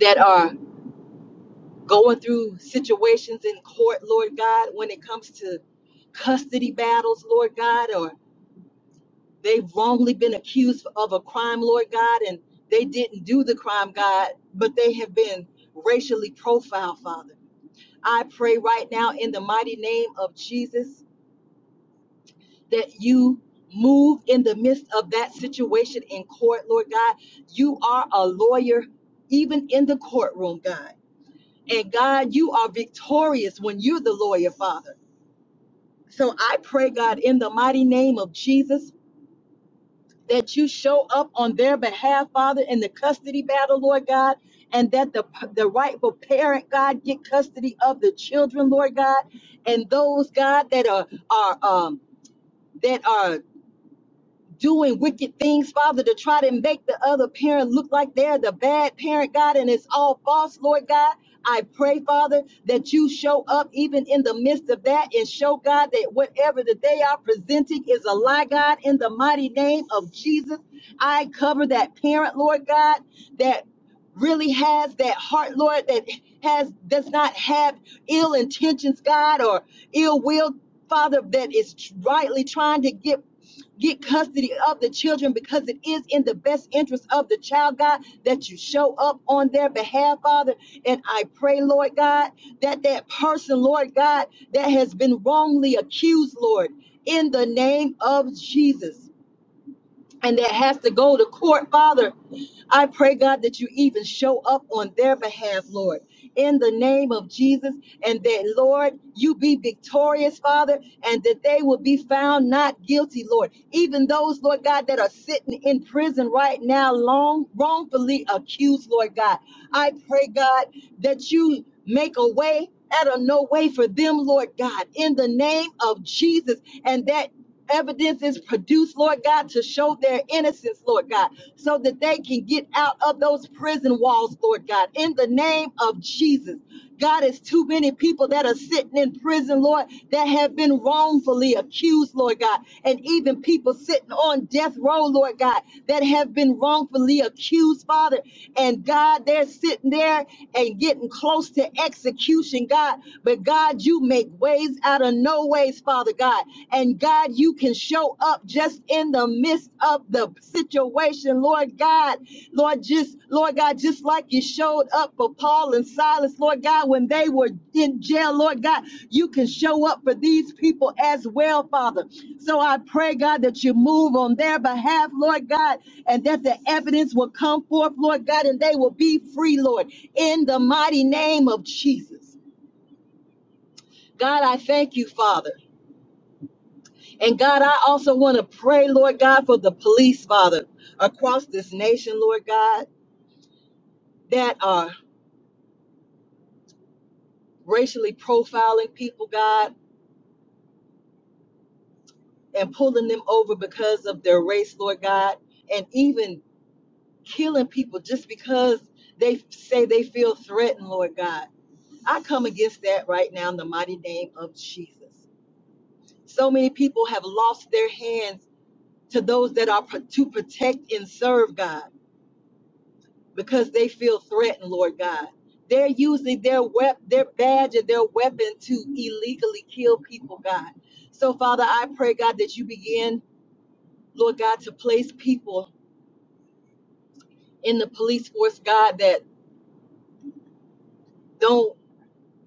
[SPEAKER 1] that are going through situations in court, Lord God, when it comes to custody battles, Lord God, or they've wrongly been accused of a crime, Lord God, and they didn't do the crime, God, but they have been racially profiled, Father. I pray right now in the mighty name of Jesus that you move in the midst of that situation in court, Lord God. You are a lawyer, even in the courtroom, God. And God, you are victorious when you're the lawyer, Father. So I pray, God, in the mighty name of Jesus, that you show up on their behalf, Father, in the custody battle, Lord God, and that the, the rightful parent, God, get custody of the children, Lord God, and those, God, that are are um, that are doing wicked things, Father, to try to make the other parent look like they're the bad parent, God, and it's all false, Lord God. I pray, Father, that you show up even in the midst of that and show, God, that whatever that they are presenting is a lie, God, in the mighty name of Jesus. I cover that parent, Lord God, that really has that heart, Lord, that has does not have ill intentions, God, or ill will Father, that is rightly trying to get get custody of the children because it is in the best interest of the child, God, that you show up on their behalf, Father. And I pray, Lord God, that that person, Lord God, that has been wrongly accused, Lord, in the name of Jesus and that has to go to court, Father. I pray, God, that you even show up on their behalf, Lord, in the name of Jesus, and that, Lord, you be victorious, Father, and that they will be found not guilty, Lord. Even those, Lord God, that are sitting in prison right now, long, wrongfully accused, Lord God. I pray, God, that you make a way out of no way for them, Lord God, in the name of Jesus, and that evidence is produced, Lord God, to show their innocence, Lord God, so that they can get out of those prison walls, Lord God, in the name of Jesus. God, it's too many people that are sitting in prison, Lord, that have been wrongfully accused, Lord God, and even people sitting on death row, Lord God, that have been wrongfully accused, Father. And God, they're sitting there and getting close to execution, God. But God, you make ways out of no ways, Father God. And God, you can show up just in the midst of the situation, Lord God. Lord, just Lord God, just like you showed up for Paul and Silas, Lord God, when they were in jail, Lord God, you can show up for these people as well, Father. So I pray, God, that you move on their behalf, Lord God, and that the evidence will come forth, Lord God, and they will be free, Lord, in the mighty name of Jesus. God, I thank you, Father. And God, I also want to pray, Lord God, for the police, Father, across this nation, Lord God, that are racially profiling people, God, and pulling them over because of their race, Lord God, and even killing people just because they say they feel threatened, Lord God. I come against that right now in the mighty name of Jesus. So many people have lost their hands to those that are pro- to protect and serve God. because they feel threatened, Lord God. They're using their wep- their badge and their weapon to illegally kill people, God. So, Father, I pray, God, that you begin, Lord God, to place people in the police force, God, that don't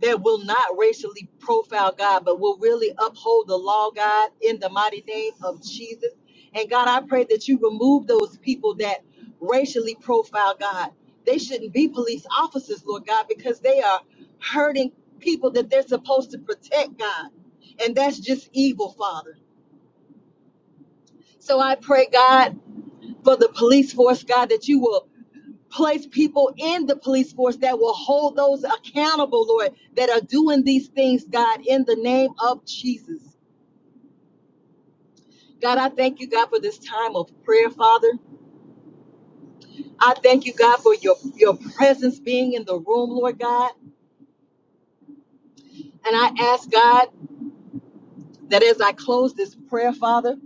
[SPEAKER 1] that will not racially profile God, but will really uphold the law, God, in the mighty name of Jesus. And God, I pray that you remove those people that racially profile God. They shouldn't be police officers, Lord God, because they are hurting people that they're supposed to protect, God. And that's just evil, Father. So I pray, God, for the police force, God, that you will place people in the police force that will hold those accountable, Lord, that are doing these things, God, in the name of Jesus. God, I thank you, God, for this time of prayer, Father. I thank you, God, for your, your presence being in the room, Lord God. And I ask, God, that as I close this prayer, Father,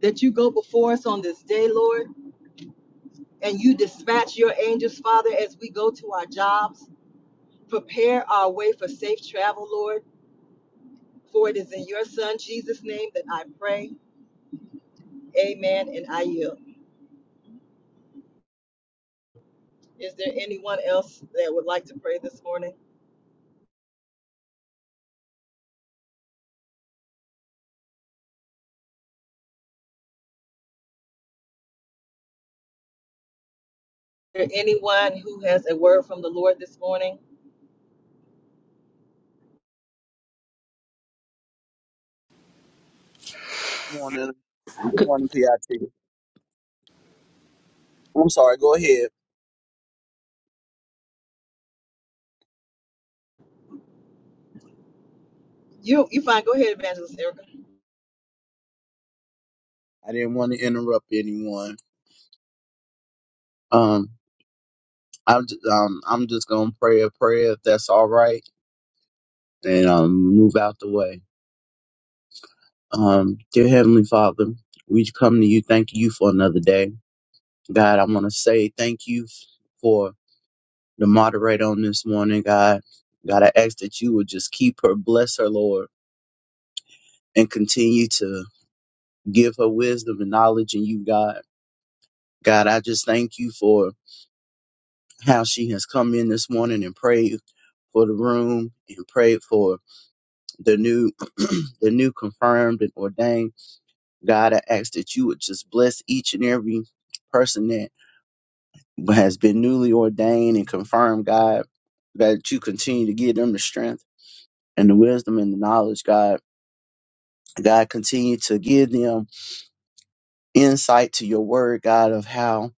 [SPEAKER 1] that you go before us on this day, Lord, and you dispatch your angels, Father, as we go to our jobs. Prepare our way for safe travel, Lord. For it is in your Son, Jesus' name, that I pray. Amen. And I yield. Is there anyone else that would like to pray this morning? Is there anyone who has a word from the Lord this morning?
[SPEAKER 2] Morning. Good
[SPEAKER 3] Good
[SPEAKER 2] morning, PIT. I'm sorry. Go ahead.
[SPEAKER 1] You you fine. Go ahead, Evangelist Erica.
[SPEAKER 2] I didn't want to interrupt anyone. Um, I'm just, um, I'm just gonna pray a prayer if that's all right, and um, move out the way. Um, dear Heavenly Father, we come to you. Thank you for another day, God. I want to say thank you for the moderator on this morning, God. God, I ask that you would just keep her, bless her, Lord, and continue to give her wisdom and knowledge in you, God. God, I just thank you for how she has come in this morning and prayed for the room and prayed for the new the new confirmed and ordained. God, I ask that you would just bless each and every person that has been newly ordained and confirmed, God, that you continue to give them the strength and the wisdom and the knowledge, God. God, continue to give them insight to your word, God, of how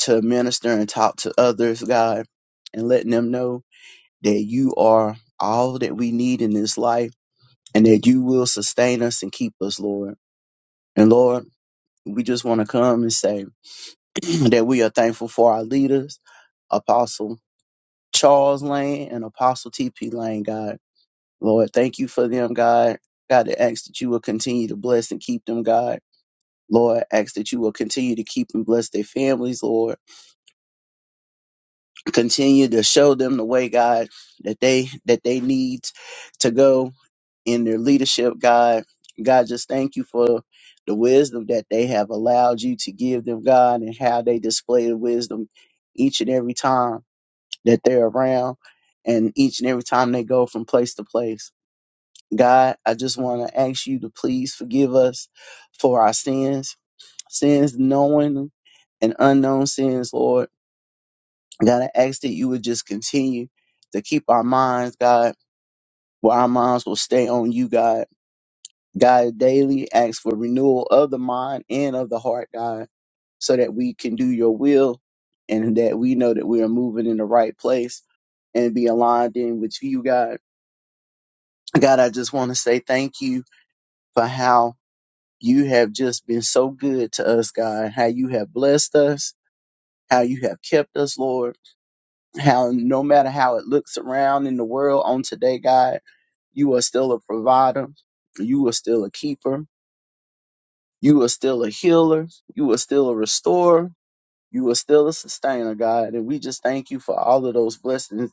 [SPEAKER 2] to minister and talk to others, God, and letting them know that you are all that we need in this life and that you will sustain us and keep us, Lord. And Lord, we just want to come and say that we are thankful for our leaders, Apostle Charles Lane and Apostle TP Lane, God. Lord, thank you for them, God. God, I ask that you will continue to bless and keep them, God. Lord, I ask that you will continue to keep and bless their families, Lord. Continue to show them the way, God, that they that they need to go in their leadership, God. God, just thank you for the wisdom that they have allowed you to give them, God, and how they display the wisdom each and every time that they're around and each and every time they go from place to place. God, I just want to ask you to please forgive us for our sins, sins knowing and unknown sins, Lord. God, I ask that you would just continue to keep our minds, God, where our minds will stay on you, God God daily asks for renewal of the mind and of the heart, God, so that we can do your will and that we know that we are moving in the right place and be aligned in with you, God. God, I just want to say thank you for how you have just been so good to us, God, how you have blessed us, how you have kept us, Lord, how no matter how it looks around in the world on today, God, you are still a provider, you are still a keeper You are still a healer. You are still a restorer. You are still a sustainer, God. And we just thank you for all of those blessings,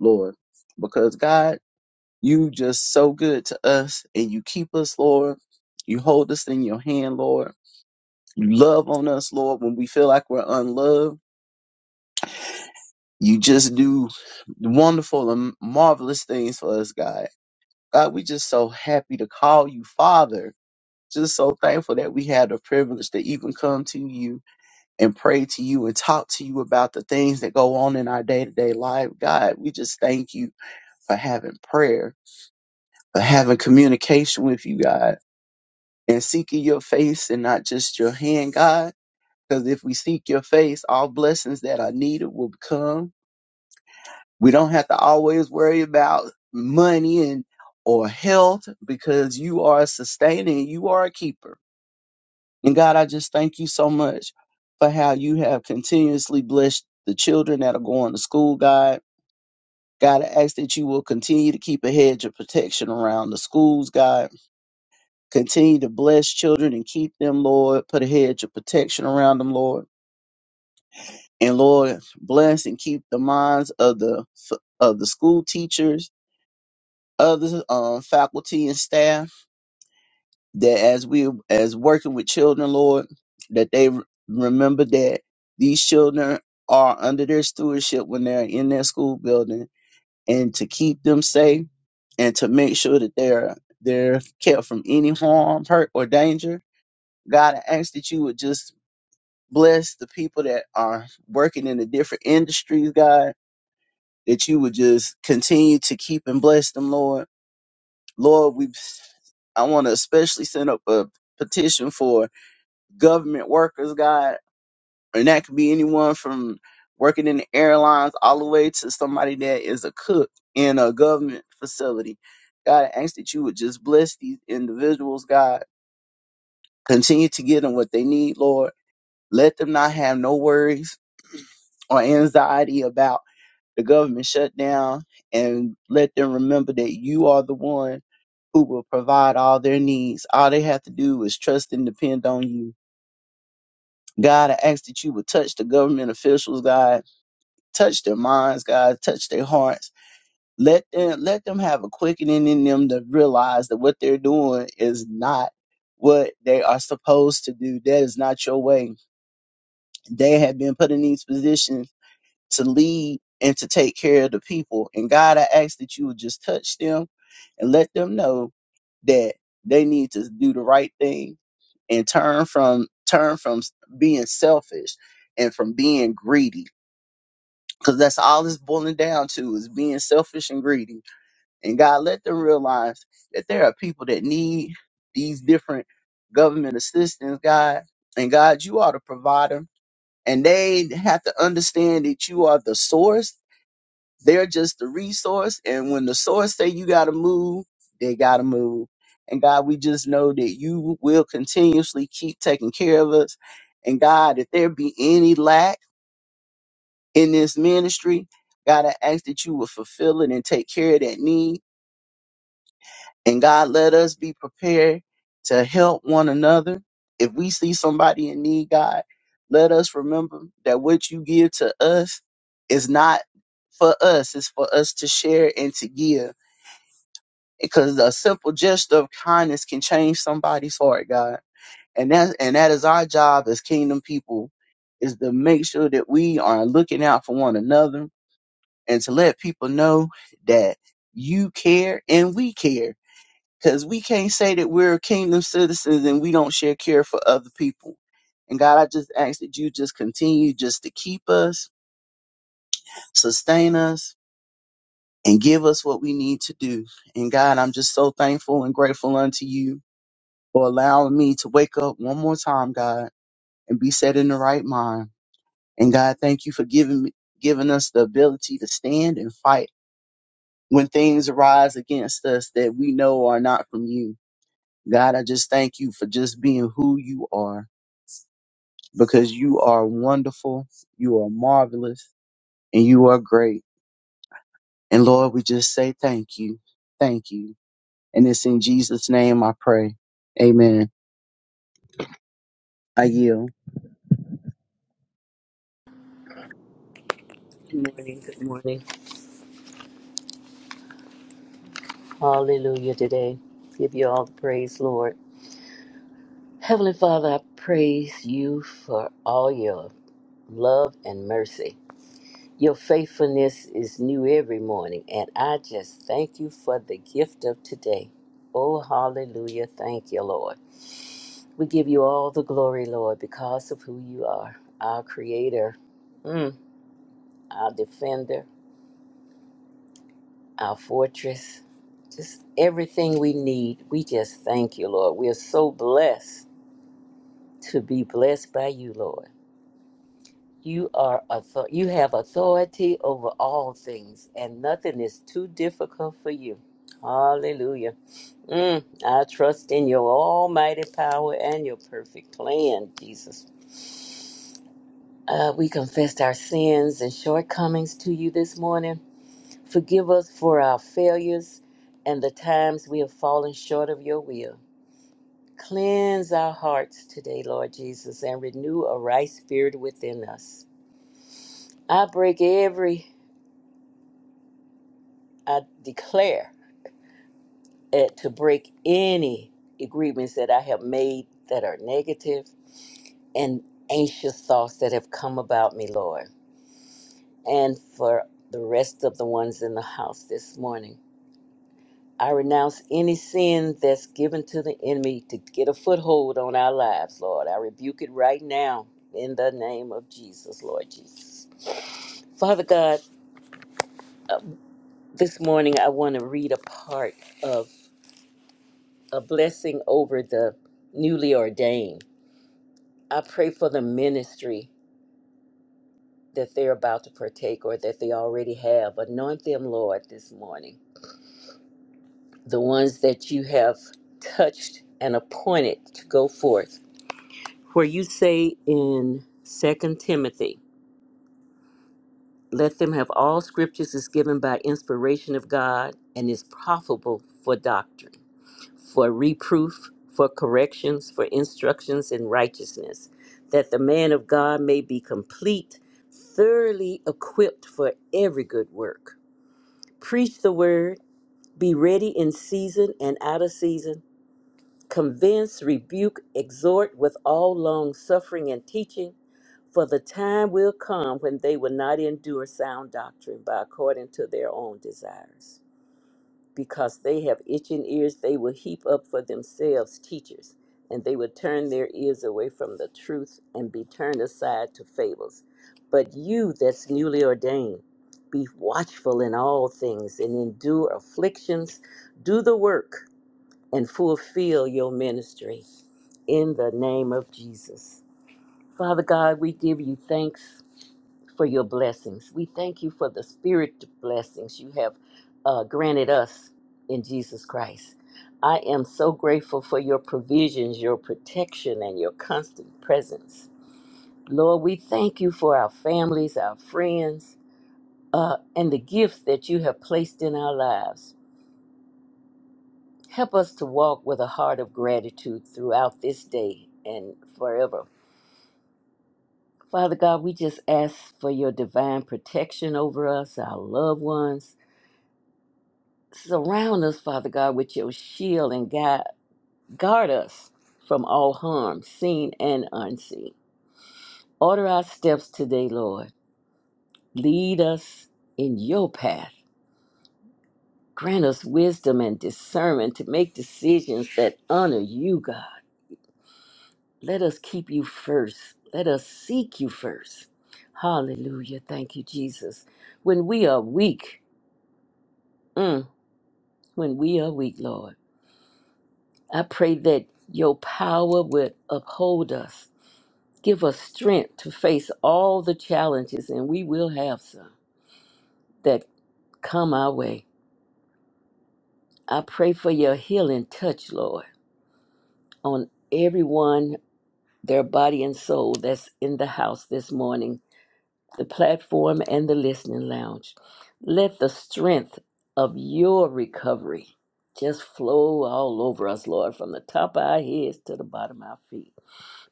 [SPEAKER 2] Lord, because God, you just so good to us and you keep us, Lord. You hold us in your hand, Lord. You love on us, Lord, when we feel like we're unloved. You just do wonderful and marvelous things for us, God. God, we just so happy to call you Father. Just so thankful that we had the privilege to even come to you and pray to you and talk to you about the things that go on in our day to day life. God, we just thank you for having prayer, for having communication with you, God, and seeking your face and not just your hand, God. Because if we seek your face, all blessings that are needed will come. We don't have to always worry about money and or health because you are a sustaining, you are a keeper. And God, I just thank you so much for how you have continuously blessed the children that are going to school, God. God, I ask that you will continue to keep a hedge of protection around the schools, God. Continue to bless children and keep them, Lord. Put a hedge of protection around them, Lord. And Lord, bless and keep the minds of the of the school teachers, other uh, faculty and staff. that as we as working with children, Lord, that they re- remember that these children are under their stewardship when they're in their school building, and to keep them safe and to make sure that they're they're kept from any harm, hurt, or danger. God, I ask that you would just bless the people that are working in the different industries, God, that you would just continue to keep and bless them, Lord. Lord, we I want to especially send up a petition for government workers, God, and that could be anyone from working in the airlines all the way to somebody that is a cook in a government facility. God, I ask that you would just bless these individuals, God. Continue to give them what they need, Lord. Let them not have no worries or anxiety about the government shutdown and let them remember that you are the one who will provide all their needs. All they have to do is trust and depend on you. God, I ask that you would touch the government officials, God, touch their minds, God, touch their hearts. Let them let them have a quickening in them to realize that what they're doing is not what they are supposed to do. That is not your way. They have been put in these positions to lead and to take care of the people. And God, I ask that you would just touch them and let them know that they need to do the right thing and turn from turn from being selfish and from being greedy because that's all it's boiling down to is being selfish and greedy and god let them realize that there are people that need these different government assistance god and god you are the provider and they have to understand that you are the source they're just the resource. And when the source say you got to move, they got to move. And God, we just know that you will continuously keep taking care of us. And God, if there be any lack in this ministry, God, I ask that you will fulfill it and take care of that need. And God, let us be prepared to help one another. If we see somebody in need, God, let us remember that what you give to us is not for us, it's for us to share and to give. because a simple gesture of kindness can change somebody's heart, God. And that and that is our job as kingdom people is to make sure that we are looking out for one another and to let people know that you care and we care. Because we can't say that we're kingdom citizens and we don't share care for other people. And God, I just ask that you just continue just to keep us, sustain us, and give us what we need to do. And God, I'm just so thankful and grateful unto you for allowing me to wake up one more time, God, and be set in the right mind. And God, thank you for giving me, giving us the ability to stand and fight when things arise against us that we know are not from you. God, I just thank you for just being who you are because you are wonderful, you are marvelous, and you are great. And Lord, we just say thank you. Thank you. And it's in Jesus' name I pray. Amen. I yield.
[SPEAKER 3] morning. Good morning. Hallelujah today. Give you all the praise, Lord. Heavenly Father, I praise you for all your love and mercy. Your faithfulness is new every morning, and I just thank you for the gift of today. Oh, hallelujah. Thank you, Lord. We give you all the glory, Lord, because of who you are, our creator, mm, our defender, our fortress, just everything we need. We just thank you, Lord. We are so blessed to be blessed by you, Lord. You are author- you have authority over all things, and nothing is too difficult for you. Hallelujah. Mm, I trust in your almighty power and your perfect plan, Jesus. Uh, we confessed our sins and shortcomings to you this morning. Forgive us for our failures and the times we have fallen short of your will. Cleanse our hearts today, Lord Jesus, and renew a right spirit within us. I break every, I declare eh, to break any agreements that I have made that are negative and anxious thoughts that have come about me, Lord. And for the rest of the ones in the house this morning, I renounce any sin that's given to the enemy to get a foothold on our lives, Lord. I rebuke it right now in the name of Jesus, Lord Jesus. Father God, uh, this morning I want to read a part of a blessing over the newly ordained. I pray for the ministry that they're about to partake or that they already have. Anoint them, Lord, this morning. The ones that you have touched and appointed to go forth. Where you say in Second Timothy, let them have all scriptures is given by inspiration of God and is profitable for doctrine for reproof, for corrections, for instructions in righteousness, that the man of God may be complete, thoroughly equipped for every good work. Preach the word, be ready in season and out of season, convince, rebuke, exhort with all long suffering and teaching. For the time will come when they will not endure sound doctrine, but according to their own desires because they have itching ears, they will heap up for themselves teachers, and they will turn their ears away from the truth and be turned aside to fables. But you that's newly ordained, be watchful in all things and endure afflictions, do the work, and fulfill your ministry in the name of Jesus. Father God, we give you thanks for your blessings. We thank you for the spirit blessings you have uh, granted us in Jesus Christ. I am so grateful for your provisions, your protection, and your constant presence. Lord, we thank you for our families, our friends, uh, and the gifts that you have placed in our lives. Help us to walk with a heart of gratitude throughout this day and forever. Father God, we just ask for your divine protection over us, our loved ones, Surround us, Father God, with your shield and guide, guard us from all harm, seen and unseen. Order our steps today, Lord. Lead us in your path. Grant us wisdom and discernment to make decisions that honor you, God. Let us keep you first. Let us seek you first. Hallelujah. Thank you, Jesus. When we are weak, mm, when we are weak, Lord, I pray that your power would uphold us Give us strength to face all the challenges, and we will have some that come our way. I pray for your healing touch, Lord, on everyone, their body and soul that's in the house this morning, the platform and the listening lounge. Let the strength of your recovery just flow all over us, Lord, from the top of our heads to the bottom of our feet.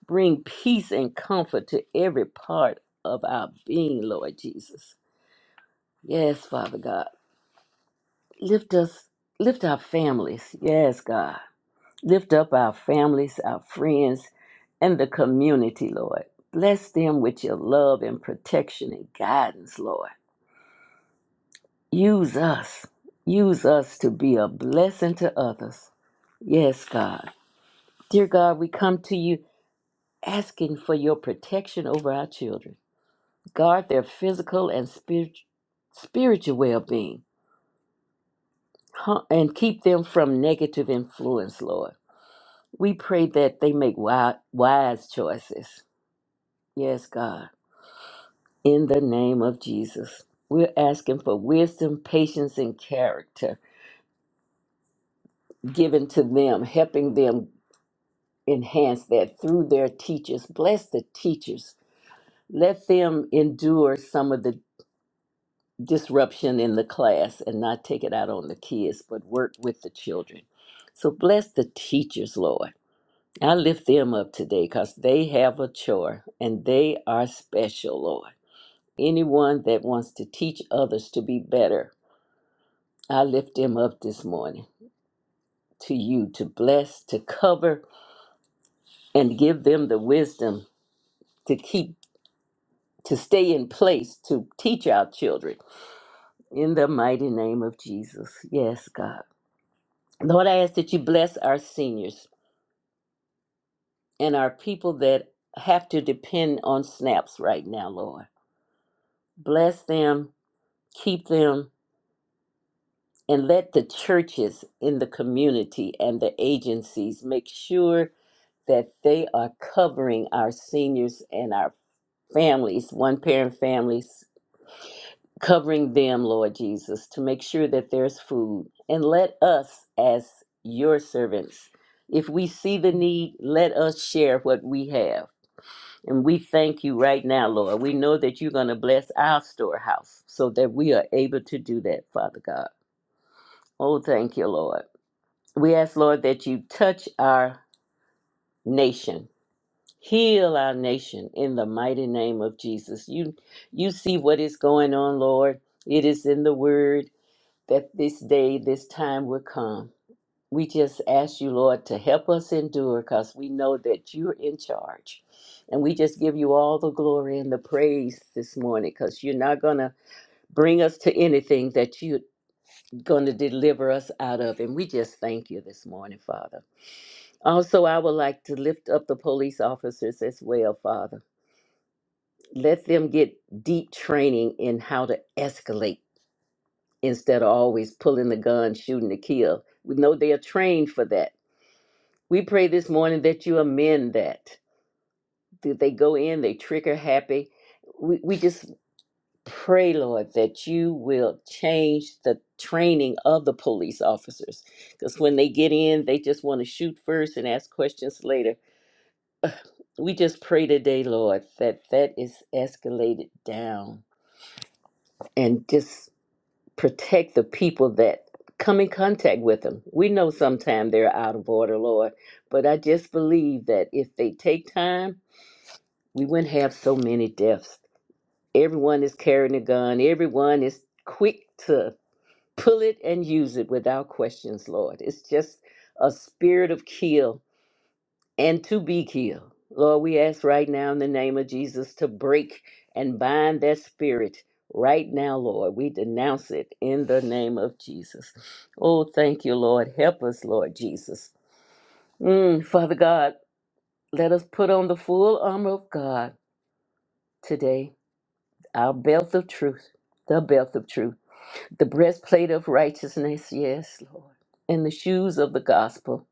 [SPEAKER 3] Bring peace and comfort to every part of our being, Lord Jesus. Yes, Father God. Lift us, lift our families. Yes, God. Lift up our families, our friends, and the community, Lord. Bless them with your love and protection and guidance, Lord. Use us. Use us to be a blessing to others. Yes, God. Dear God, we come to you asking for your protection over our children. Guard their physical and spirit, spiritual well being and keep them from negative influence, Lord. We pray that they make wi- wise choices. Yes, God. In the name of Jesus. We're asking for wisdom, patience, and character given to them, helping them enhance that through their teachers. Bless the teachers. Let them endure some of the disruption in the class and not take it out on the kids, but work with the children. So bless the teachers, Lord. I lift them up today because they have a chore and they are special, Lord. anyone that wants to teach others to be better. I lift them up this morning to you to bless, to cover, and give them the wisdom to keep, to stay in place, to teach our children. In the mighty name of Jesus. Yes, God. Lord, I ask that you bless our seniors and our people that have to depend on snaps right now, Lord. Bless them, keep them, and let the churches in the community and the agencies make sure that they are covering our seniors and our families, one parent families, covering them, Lord Jesus, to make sure that there's food. And let us, as your servants, if we see the need, let us share what we have. And we thank you right now, Lord. We know that you're going to bless our storehouse so that we are able to do that, Father God. Oh, thank you, Lord. We ask, Lord, that you touch our nation Heal our nation in the mighty name of Jesus. You you see what is going on, Lord. It is in the word that this day, this time will come. We just ask you, Lord, to help us endure because we know that you're in charge. And we just give you all the glory and the praise this morning because you're not going to bring us to anything that you're going to deliver us out of. And we just thank you this morning, Father. Also, I would like to lift up the police officers as well, Father let them get deep training in how to escalate instead of always pulling the gun, shooting to kill. We know they are trained for that. We pray this morning that you amend that. That they go in, they trigger happy. We, we just pray, Lord, that you will change the training of the police officers. Because when they get in, they just want to shoot first and ask questions later. We just pray today, Lord, that that is escalated down and just protect the people that come in contact with them. We know sometimes they're out of order, Lord, but I just believe that if they take time, we wouldn't have so many deaths. Everyone is carrying a gun, everyone is quick to pull it and use it without questions, Lord. It's just a spirit of kill and to be killed. Lord, we ask right now in the name of Jesus to break and bind that spirit right now, Lord. We denounce it in the name of Jesus. Oh, thank you, Lord. Help us, Lord Jesus. Mm, Father God, let us put on the full armor of God today, our belt of truth, the belt of truth, the breastplate of righteousness, yes, Lord, and the shoes of the gospel,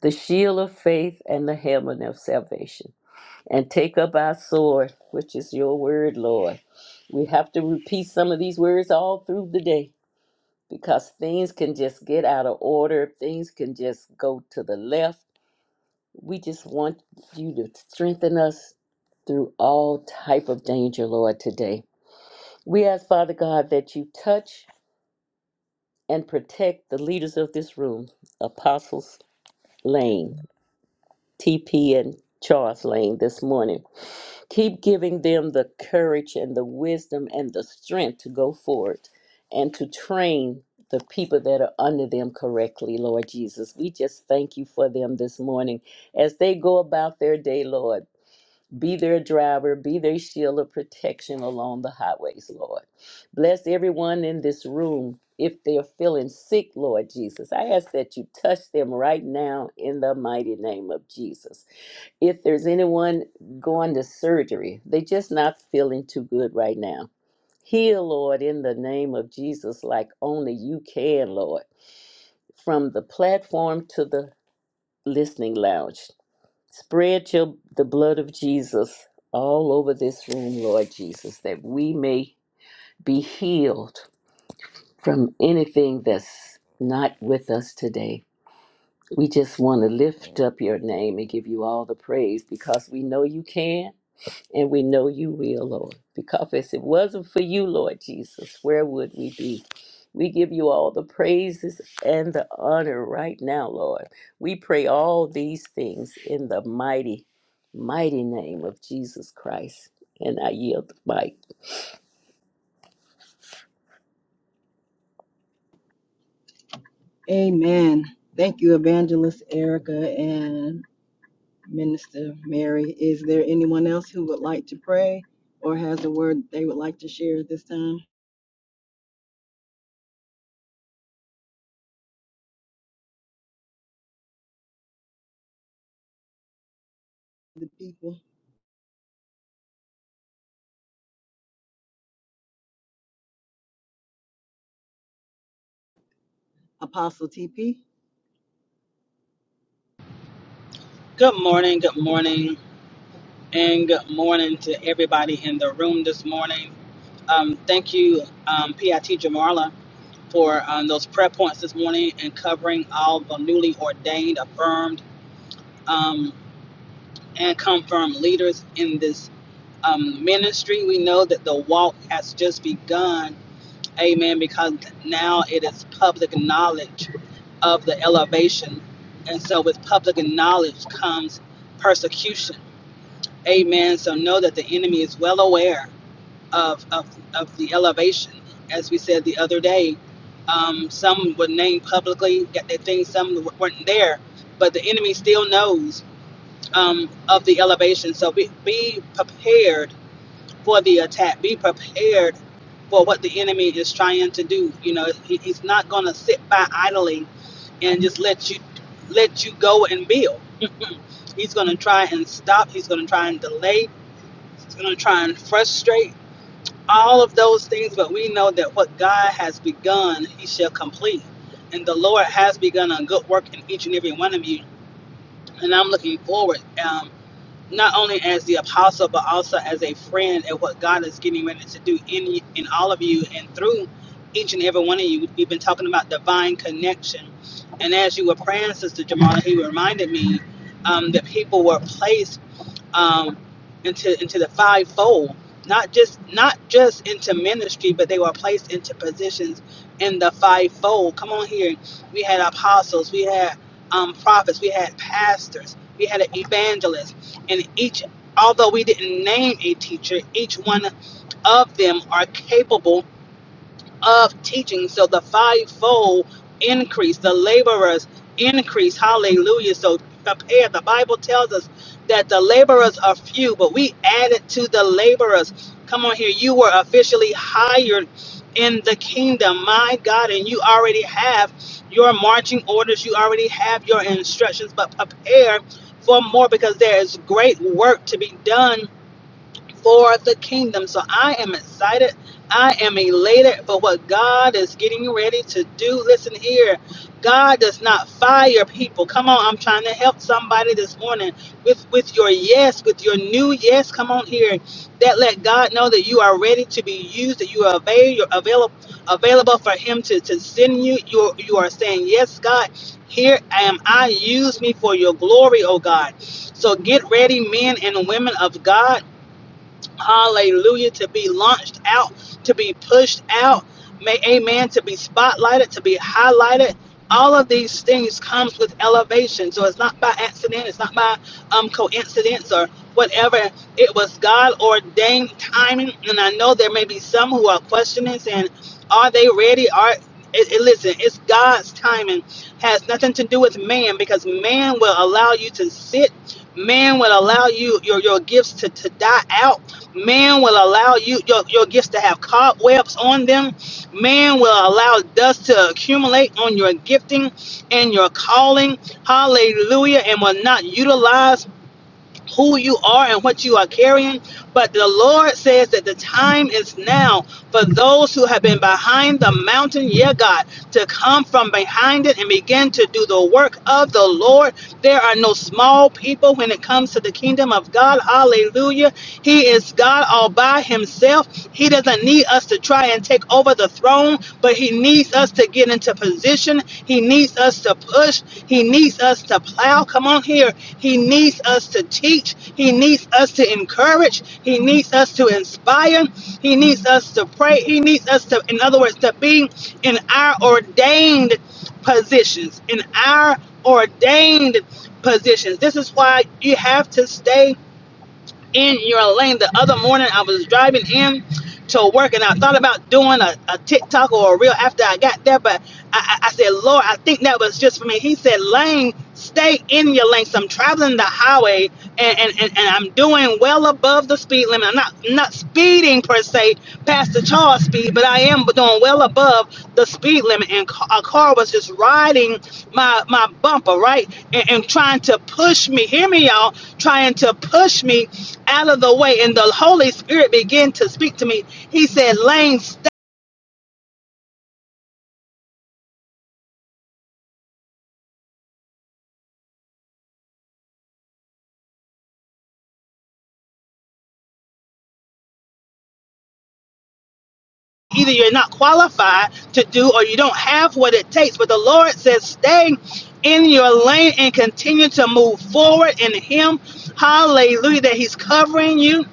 [SPEAKER 3] the shield of faith, and the helmet of salvation. and take up our sword, which is your word, Lord. We have to repeat some of these words all through the day because things can just get out of order, things can just go to the left. We just want you to strengthen us through all type of danger, Lord, today. We ask, Father God, that you touch and protect the leaders of this room, Apostles Lane, TP and Charles Lane this morning. Keep giving them the courage and the wisdom and the strength to go forward and to train the people that are under them correctly, Lord Jesus. We just thank you for them this morning as they go about their day, Lord. Be their driver, be their shield of protection along the highways, Lord. Bless everyone in this room if they're feeling sick, Lord Jesus. I ask that you touch them right now in the mighty name of Jesus if there's anyone going to surgery, they just not feeling too good right now. Heal, Lord, in the name of Jesus, like only you can, Lord. From the platform to the listening lounge, Spread your, the blood of Jesus all over this room, Lord Jesus, that we may be healed from anything that's not with us today. We just want to lift up your name and give you all the praise because we know you can. And we know you will, Lord, because if it wasn't for you, Lord Jesus, where would we be? We give you all the praises and the honor right now, Lord. We pray all these things in the mighty, mighty name of Jesus Christ. And I yield the mic.
[SPEAKER 1] Amen. Thank you, Evangelist Erica and Minister Mary. Is there anyone else who would like to pray or has a word they would like to share at this time? The people, Apostle TP.
[SPEAKER 4] Good morning, good morning, and good morning to everybody in the room this morning. Um, thank you, um, PIT Jamarla, for um, those prayer points this morning and covering all the newly ordained, affirmed, um, and confirmed leaders in this um, ministry. We know that the walk has just begun, amen, because now it is public knowledge of the elevation. And so, with public knowledge comes persecution Amen. So know that the enemy is well aware of of, of the elevation. As we said the other day, um, some would name publicly that they think some weren't there, but the enemy still knows um, of the elevation. So be, be prepared for the attack. Be prepared for what the enemy is trying to do. You know, he, he's not going to sit by idly and just let you let you go and build. He's going to try and stop. He's going to try and delay it's going to try and frustrate all of those things, but we know that what God has begun, He shall complete. And the Lord has begun a good work in each and every one of you. And I'm looking forward, um, not only as the apostle, but also as a friend at what God is getting ready to do in, in all of you and through each and every one of you. We've been talking about divine connection. And as you were praying, Sister Jamala, He reminded me um, that people were placed um, into into the fivefold, not just not just into ministry, but they were placed into positions in the fivefold. Come on here, we had apostles, we had um, prophets, we had pastors, we had an evangelist, and each although we didn't name a teacher, each one of them are capable of teaching. So the fivefold increase, the laborers increase. Hallelujah. So prepare. The Bible tells us that the laborers are few, but we added to the laborers. Come on here. You were officially hired in the kingdom, my God, and you already have your marching orders, you already have your instructions, but prepare for more because there is great work to be done for the kingdom. So I am excited. I am elated for what God is getting ready to do. Listen here. God does not fire people. Come on, I'm trying to help somebody this morning with with your yes, with your new yes. Come on here. That let God know that you are ready to be used, that you are avail- available available for him to, to send you. You are, you are saying, "Yes, God, here I am. I use me for your glory, oh God." So get ready, men and women of God Hallelujah. To be launched out, to be pushed out. May amen. To be spotlighted, to be highlighted. All of these things comes with elevation. So it's not by accident. It's not by um, coincidence or whatever. It was God ordained timing. And I know there may be some who are questioning "And are they ready? Are it, it- listen, it's God's timing. Has nothing to do with man because man will allow you to sit. Man will allow you your, your gifts to, to die out Man will allow you your, your gifts to have cobwebs on them. Man will allow dust to accumulate on your gifting and your calling. Hallelujah. And will not utilize who you are and what you are carrying. But the Lord says that the time is now for those who have been behind the mountain, yeah, God, to come from behind it and begin to do the work of the Lord. There are no small people when it comes to the kingdom of God. Hallelujah. He is God all by himself. He doesn't need us to try and take over the throne, but he needs us to get into position. He needs us to push. He needs us to plow. Come on here. He needs us to teach. He needs us to encourage. He needs us to inspire. He needs us to pray. He needs us to, in other words, to be in our ordained positions, in our ordained positions. This is why you have to stay in your lane. The other morning, I was driving in to work and I thought about doing a, a TikTok or a reel after I got there, but I, I said, Lord, I think that was just for me. He said, Lane, stay in your lane. So I'm traveling the highway and, and, and, and I'm doing well above the speed limit. I'm not, I'm not speeding speeding per se past the charge speed, but I am doing well above the speed limit. And ca- a car was just riding my my bumper, right, and, and trying to push me. Hear me, y'all, trying to push me out of the way. And the Holy Spirit began to speak to me. He said, "Lane, stay." Either you're not qualified to do, or you don't have what it takes. But the Lord says, stay in your lane and continue to move forward in Him. Hallelujah! That He's covering you.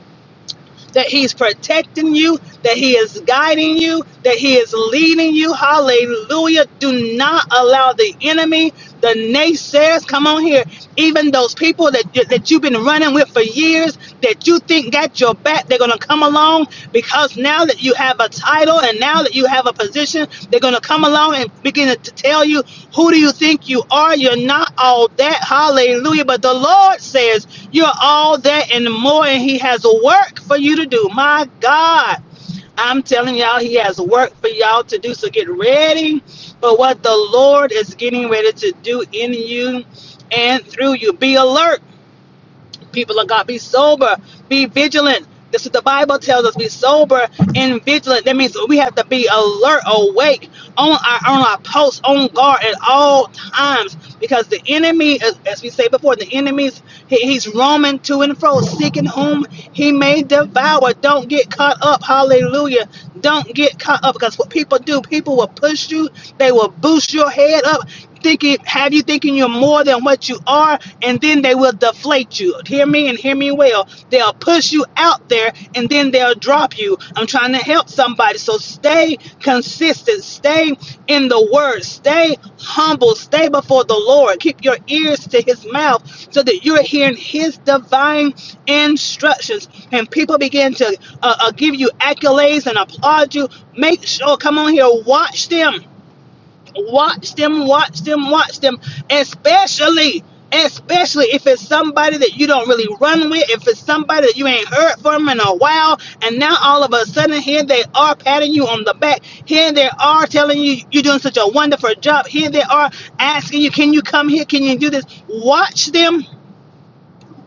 [SPEAKER 4] that He's protecting you, that He is guiding you, that He is leading you. Hallelujah. Do not allow the enemy, the naysayers, come on here, even those people that, that you've been running with for years that you think got your back, they're going to come along because now that you have a title and now that you have a position, they're going to come along and begin to tell you, Who do you think you are? You're not all that. Hallelujah. But the Lord says, You're all that and more, and He has a work for you to do. My God. I'm telling y'all, He has work for y'all to do. So get ready for what the Lord is getting ready to do in you and through you. Be alert people of God. Be sober, be vigilant. This is what the Bible tells us be sober and vigilant. That means we have to be alert, awake, on our on our post, on guard at all times. Because the enemy, as, as we say before, the enemy's he, he's roaming to and fro, seeking whom he may devour. Don't get caught up. Hallelujah. Don't get caught up because what people do, people will push you, they will boost your head up thinking, have you thinking you're more than what you are, and then they will deflate you. Hear me and hear me well. They'll push you out there, and then they'll drop you. I'm trying to help somebody, so stay consistent, stay in the word, stay humble, stay before the Lord. Keep your ears to His mouth, so that you're hearing His divine instructions. And people begin to uh, uh, give you accolades and applaud you. Make sure, come on here, watch them Watch them, watch them, watch them, especially, especially if it's somebody that you don't really run with, if it's somebody that you ain't heard from in a while, and now all of a sudden here they are patting you on the back, here they are telling you you're doing such a wonderful job, here they are asking you, can you come here, can you do this? Watch them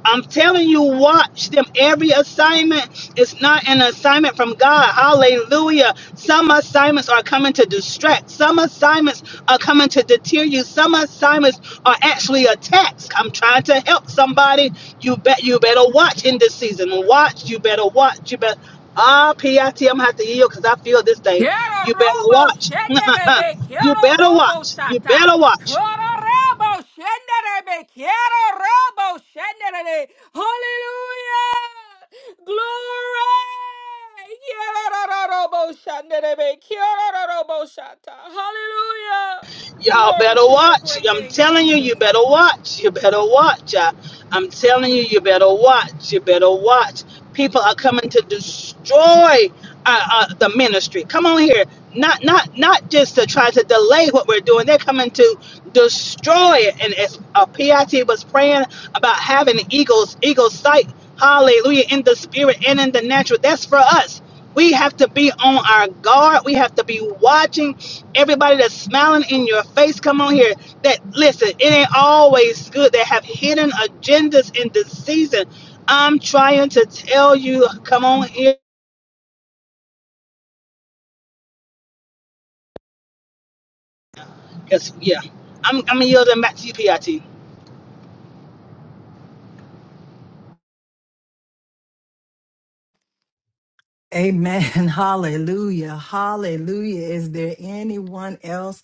[SPEAKER 4] I'm telling you, watch them. Every assignment is not an assignment from God. Hallelujah. Some assignments are coming to distract. Some assignments are coming to deter you. Some assignments are actually attacks. I'm trying to help somebody. You bet you better watch in this season. Watch. You better watch. You better Ah, P am gonna have to yield because I feel this thing.
[SPEAKER 5] Quiero
[SPEAKER 4] You better
[SPEAKER 5] robo
[SPEAKER 4] watch.
[SPEAKER 5] shenderebe,
[SPEAKER 4] you
[SPEAKER 5] quiero
[SPEAKER 4] better
[SPEAKER 5] robo
[SPEAKER 4] watch. You
[SPEAKER 5] shata.
[SPEAKER 4] better watch.
[SPEAKER 5] Quiero robo shenderebe, quiero robo shenderebe. Hallelujah! Glory! Quiero robo shenderebe, quiero robo shata. Hallelujah!
[SPEAKER 4] Y'all
[SPEAKER 5] Glory
[SPEAKER 4] better
[SPEAKER 5] to your
[SPEAKER 4] watch.
[SPEAKER 5] great
[SPEAKER 4] I'm
[SPEAKER 5] name,
[SPEAKER 4] telling you, you
[SPEAKER 5] Jesus.
[SPEAKER 4] better watch. You better watch. I, I'm telling you, you better watch. You better watch. People are coming to destroy uh, uh, the ministry. Come on here. Not, not, not just to try to delay what we're doing. They're coming to destroy it. And as uh, PIT was praying about having eagles, eagle sight. Hallelujah! In the spirit and in the natural. That's for us. We have to be on our guard. We have to be watching everybody that's smiling in your face. Come on here. That listen, it ain't always good. They have hidden agendas in this season. I'm trying to tell you, come on here. Cause yeah, I'm I'm yielding back to you, PIT.
[SPEAKER 1] Amen. Hallelujah. Hallelujah. Is there anyone else?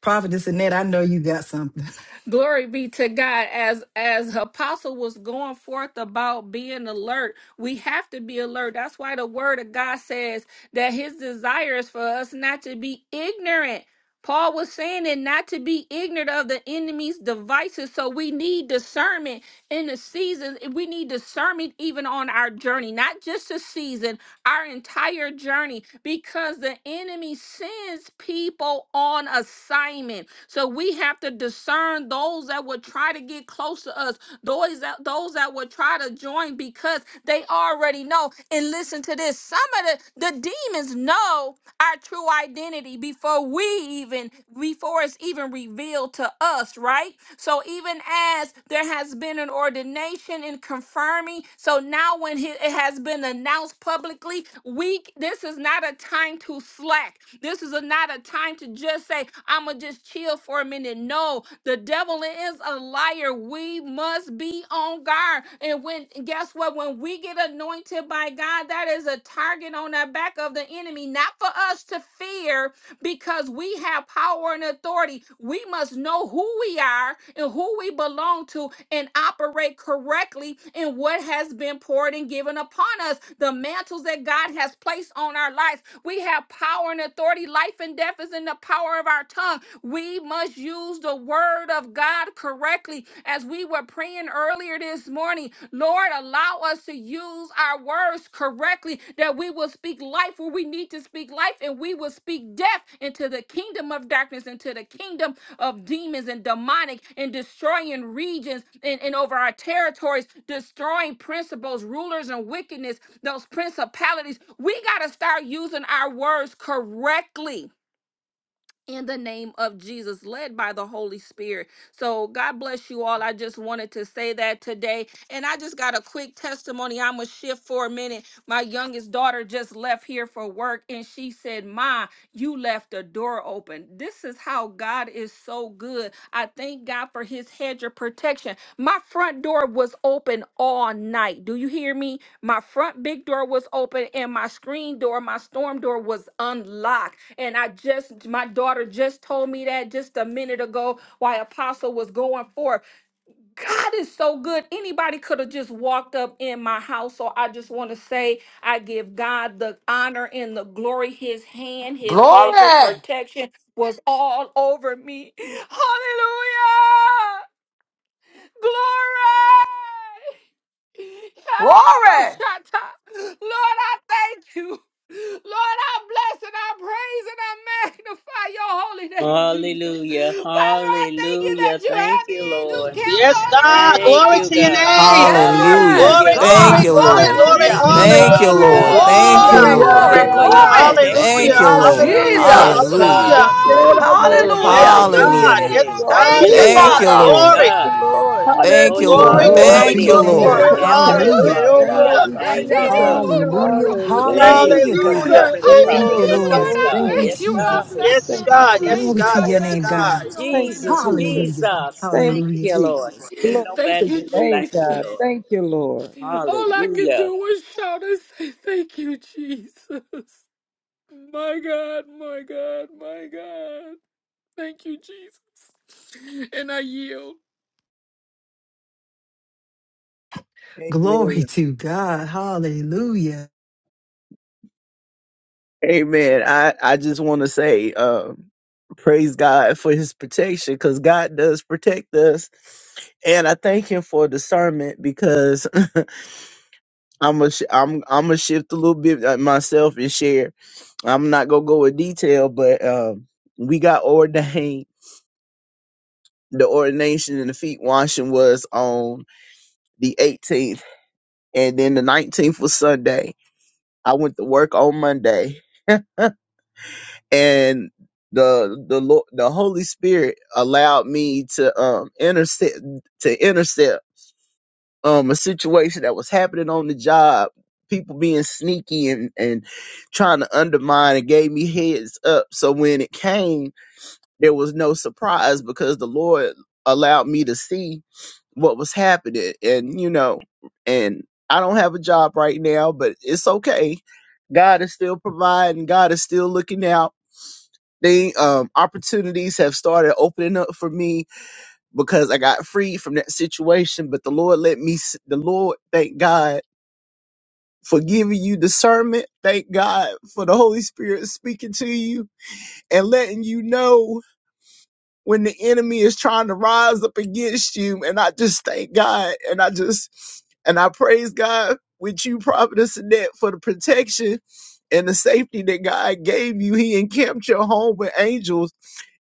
[SPEAKER 1] Prophetess Annette, I know you got something.
[SPEAKER 5] Glory be to God. As as apostle was going forth about being alert, we have to be alert. That's why the word of God says that his desire is for us not to be ignorant. Paul was saying it not to be ignorant of the enemy's devices. So we need discernment in the season. We need discernment even on our journey, not just a season, our entire journey because the enemy sends people on assignment. So we have to discern those that would try to get close to us, those that those that would try to join because they already know. And listen to this: some of the, the demons know our true identity before we even before it's even revealed to us, right? So even as there has been an ordination and confirming, so now when he- it has been announced announced publicly. We this is not a time to slack. This is a, not a time to just say, I'ma just chill for a minute. No, the devil is a liar. We must be on guard. And when guess what? When we get anointed by God, that is a target on the back of the enemy, not for us to fear, because we have power and authority. We must know who we are and who we belong to and operate correctly in what has been poured and given upon us, the mantles that God has placed on our lives. We have power and authority. Life and death is in the power of our our tongue. We must use the word of God correctly. As we were praying earlier this morning, Lord, allow us to use our words correctly, that we will speak life where we need to speak life, and we will speak death into the kingdom of darkness, into the kingdom of demons and demonic, and destroying regions and, and over our territories, destroying principles, rulers, and wickedness, those principalities. We got to start using our words correctly in the name of Jesus, led by the Holy Spirit. So, God bless you all. I just wanted to say that today. And I just got a quick testimony. I'm going to shift for a minute. My youngest daughter just left here for work and she said, Ma, you left the door open. This is how God is so good. I thank God for his hedge of protection. My front door was open all night. Do you hear me? My front big door was open and my screen door, my storm door was unlocked. And I just, my daughter just told me that just a minute ago while Apostle was going forth. God is so good. Anybody could have just walked up in my house. So I just want to say, I give God the honor and the glory. His hand, his hedge of
[SPEAKER 6] Glory.
[SPEAKER 5] protection was all over me. Hallelujah! Glory!
[SPEAKER 6] Glory.
[SPEAKER 5] Lord, I thank you. Lord, I bless and I praise and I magnify your holy name, Jesus.
[SPEAKER 3] Hallelujah.
[SPEAKER 5] Father, I thank you that
[SPEAKER 3] Hallelujah.
[SPEAKER 5] you
[SPEAKER 3] Thank
[SPEAKER 5] have the
[SPEAKER 3] you,
[SPEAKER 5] angels
[SPEAKER 3] Lord.
[SPEAKER 5] camped
[SPEAKER 4] Yes,
[SPEAKER 5] all
[SPEAKER 4] God,
[SPEAKER 5] around
[SPEAKER 3] Thank
[SPEAKER 4] glory
[SPEAKER 3] you,
[SPEAKER 5] about me
[SPEAKER 4] to your
[SPEAKER 5] in
[SPEAKER 3] God.
[SPEAKER 5] my
[SPEAKER 4] name.
[SPEAKER 5] home, Lord
[SPEAKER 7] Hallelujah.
[SPEAKER 6] Yes,
[SPEAKER 4] Glory,
[SPEAKER 5] Jesus.
[SPEAKER 3] Hallelujah.
[SPEAKER 7] Thank
[SPEAKER 4] glory,
[SPEAKER 5] Father,
[SPEAKER 6] God.
[SPEAKER 7] you,
[SPEAKER 4] glory,
[SPEAKER 7] Lord.
[SPEAKER 5] I
[SPEAKER 4] glory.
[SPEAKER 5] give
[SPEAKER 3] Thank
[SPEAKER 6] Hallelujah.
[SPEAKER 3] you,
[SPEAKER 5] you
[SPEAKER 7] Thank
[SPEAKER 2] Hallelujah.
[SPEAKER 7] you,
[SPEAKER 8] Glory,
[SPEAKER 3] Father
[SPEAKER 7] Lord.
[SPEAKER 8] glory,
[SPEAKER 3] God.
[SPEAKER 5] glory.
[SPEAKER 7] Thank
[SPEAKER 8] glory.
[SPEAKER 7] you,
[SPEAKER 6] Glory,
[SPEAKER 4] Hallelujah.
[SPEAKER 7] Lord.
[SPEAKER 3] Hallelujah
[SPEAKER 6] glory,
[SPEAKER 3] for your
[SPEAKER 6] glory.
[SPEAKER 8] Hallelujah.
[SPEAKER 7] Thank
[SPEAKER 3] protection.
[SPEAKER 4] Hallelujah.
[SPEAKER 7] you,
[SPEAKER 5] Hallelujah.
[SPEAKER 7] Lord.
[SPEAKER 8] To
[SPEAKER 4] Hallelujah.
[SPEAKER 8] name
[SPEAKER 3] Yes,
[SPEAKER 6] Jesus.
[SPEAKER 8] God,
[SPEAKER 7] Hallelujah.
[SPEAKER 4] Hallelujah.
[SPEAKER 8] we
[SPEAKER 3] God.
[SPEAKER 8] praise you, we
[SPEAKER 3] Oh,
[SPEAKER 2] Hallelujah.
[SPEAKER 8] honor
[SPEAKER 4] Yes,
[SPEAKER 6] Hallelujah.
[SPEAKER 5] Glory.
[SPEAKER 8] you,
[SPEAKER 3] hallelujah
[SPEAKER 4] God.
[SPEAKER 8] we
[SPEAKER 7] Hallelujah.
[SPEAKER 8] give
[SPEAKER 3] today.
[SPEAKER 4] Yes,
[SPEAKER 8] you all the
[SPEAKER 4] God.
[SPEAKER 6] Thank you,
[SPEAKER 3] Yes,
[SPEAKER 2] Ooh,
[SPEAKER 4] Yes,
[SPEAKER 7] Thank
[SPEAKER 3] God.
[SPEAKER 4] God.
[SPEAKER 7] you,
[SPEAKER 8] praise. We
[SPEAKER 6] Father.
[SPEAKER 3] Yes,
[SPEAKER 7] Lord.
[SPEAKER 4] Glory,
[SPEAKER 8] thank you,
[SPEAKER 3] God.
[SPEAKER 8] Lord.
[SPEAKER 3] Oh,
[SPEAKER 7] Thank you,
[SPEAKER 3] you are
[SPEAKER 7] Lord.
[SPEAKER 4] glory,
[SPEAKER 2] Hallelujah.
[SPEAKER 1] Glory
[SPEAKER 4] glory,
[SPEAKER 5] Yeah.
[SPEAKER 1] to
[SPEAKER 7] Thank you,
[SPEAKER 1] your
[SPEAKER 8] Hallelujah
[SPEAKER 3] mighty.
[SPEAKER 4] glory,
[SPEAKER 8] for
[SPEAKER 1] name,
[SPEAKER 7] Lord.
[SPEAKER 3] You
[SPEAKER 8] your
[SPEAKER 4] glory.
[SPEAKER 1] God.
[SPEAKER 2] Eh,
[SPEAKER 3] look
[SPEAKER 2] like
[SPEAKER 3] after
[SPEAKER 2] I
[SPEAKER 3] us,
[SPEAKER 2] say,
[SPEAKER 8] protection.
[SPEAKER 1] Hallelujah.
[SPEAKER 3] Father
[SPEAKER 2] oh,
[SPEAKER 8] Thank
[SPEAKER 3] God.
[SPEAKER 2] go,
[SPEAKER 4] Hallelujah.
[SPEAKER 8] you,
[SPEAKER 3] Thank
[SPEAKER 2] kaya,
[SPEAKER 3] you,
[SPEAKER 8] Jesus.
[SPEAKER 3] Father.
[SPEAKER 1] Hallelujah.
[SPEAKER 2] Thank you,
[SPEAKER 3] Thank
[SPEAKER 8] Hallelujah.
[SPEAKER 1] Hallelujah,
[SPEAKER 3] you for
[SPEAKER 1] God.
[SPEAKER 4] Hallelujah.
[SPEAKER 3] covering
[SPEAKER 2] Jesus.
[SPEAKER 3] the
[SPEAKER 4] Yeah,
[SPEAKER 1] Thank
[SPEAKER 4] kid,
[SPEAKER 1] you,
[SPEAKER 4] get
[SPEAKER 8] Glory,
[SPEAKER 5] Hallelujah,
[SPEAKER 3] prophetess.
[SPEAKER 4] the bus,
[SPEAKER 1] Lord.
[SPEAKER 5] Lord.
[SPEAKER 3] Yes,
[SPEAKER 8] glory,
[SPEAKER 5] I
[SPEAKER 3] God.
[SPEAKER 1] Thank you,
[SPEAKER 8] glory.
[SPEAKER 5] thank
[SPEAKER 3] Yes,
[SPEAKER 5] you and I
[SPEAKER 3] God.
[SPEAKER 1] Jesus.
[SPEAKER 5] bless
[SPEAKER 8] Jesus.
[SPEAKER 5] you
[SPEAKER 4] Yes,
[SPEAKER 5] and
[SPEAKER 8] Thank
[SPEAKER 5] I
[SPEAKER 8] you,
[SPEAKER 4] God.
[SPEAKER 3] Hallelujah.
[SPEAKER 4] Yes,
[SPEAKER 5] praise
[SPEAKER 1] Glory
[SPEAKER 8] Jesus.
[SPEAKER 5] you and
[SPEAKER 1] to
[SPEAKER 4] God.
[SPEAKER 5] I
[SPEAKER 1] your
[SPEAKER 8] Thank
[SPEAKER 4] Yes,
[SPEAKER 8] you,
[SPEAKER 1] name,
[SPEAKER 5] magnify
[SPEAKER 4] God.
[SPEAKER 1] God.
[SPEAKER 8] Jesus.
[SPEAKER 5] your
[SPEAKER 8] Thank
[SPEAKER 5] holy
[SPEAKER 8] you,
[SPEAKER 3] Jesus,
[SPEAKER 5] name.
[SPEAKER 8] Jesus.
[SPEAKER 1] Hallelujah.
[SPEAKER 3] Jesus.
[SPEAKER 8] Thank
[SPEAKER 3] Thank
[SPEAKER 8] you,
[SPEAKER 1] Hallelujah.
[SPEAKER 3] you, Lord.
[SPEAKER 8] Jesus.
[SPEAKER 3] Can't
[SPEAKER 8] Glory
[SPEAKER 5] Thank
[SPEAKER 8] to
[SPEAKER 3] nobody
[SPEAKER 5] you,
[SPEAKER 3] do
[SPEAKER 8] your
[SPEAKER 3] it
[SPEAKER 8] name,
[SPEAKER 3] like you,
[SPEAKER 8] God.
[SPEAKER 3] Lord.
[SPEAKER 5] Jesus.
[SPEAKER 8] Thank you, Lord.
[SPEAKER 5] All I could
[SPEAKER 3] Hallelujah.
[SPEAKER 5] do was shout and say, Thank you, Jesus. My God, my God, my God. Thank you, Jesus. And I yield.
[SPEAKER 2] Amen.
[SPEAKER 1] Glory to God. Hallelujah.
[SPEAKER 2] Amen. I, I just want to say, um, praise God for his protection because God does protect us. And I thank him for discernment because I'm a, sh- I'm I'm gonna shift a little bit uh, myself and share. I'm not gonna go in detail, but um, we got ordained. The ordination and the feet washing was on the 18th, and then the 19th was Sunday. I went to work on Monday, and the the Lord, the Holy Spirit allowed me to um intercept to intercept um a situation that was happening on the job. People being sneaky and and trying to undermine and gave me heads up. So when it came, there was no surprise because the Lord allowed me to see what was happening and you know and i don't have a job right now but it's okay god is still providing god is still looking out the um, opportunities have started opening up for me because i got freed from that situation but the lord let me s- the lord thank god for giving you discernment thank god for the holy spirit speaking to you and letting you know when the enemy is trying to rise up against you. And I just thank God and I just and I praise God with you, Prophetess Annette, for the protection and the safety that God gave you. He encamped your home with angels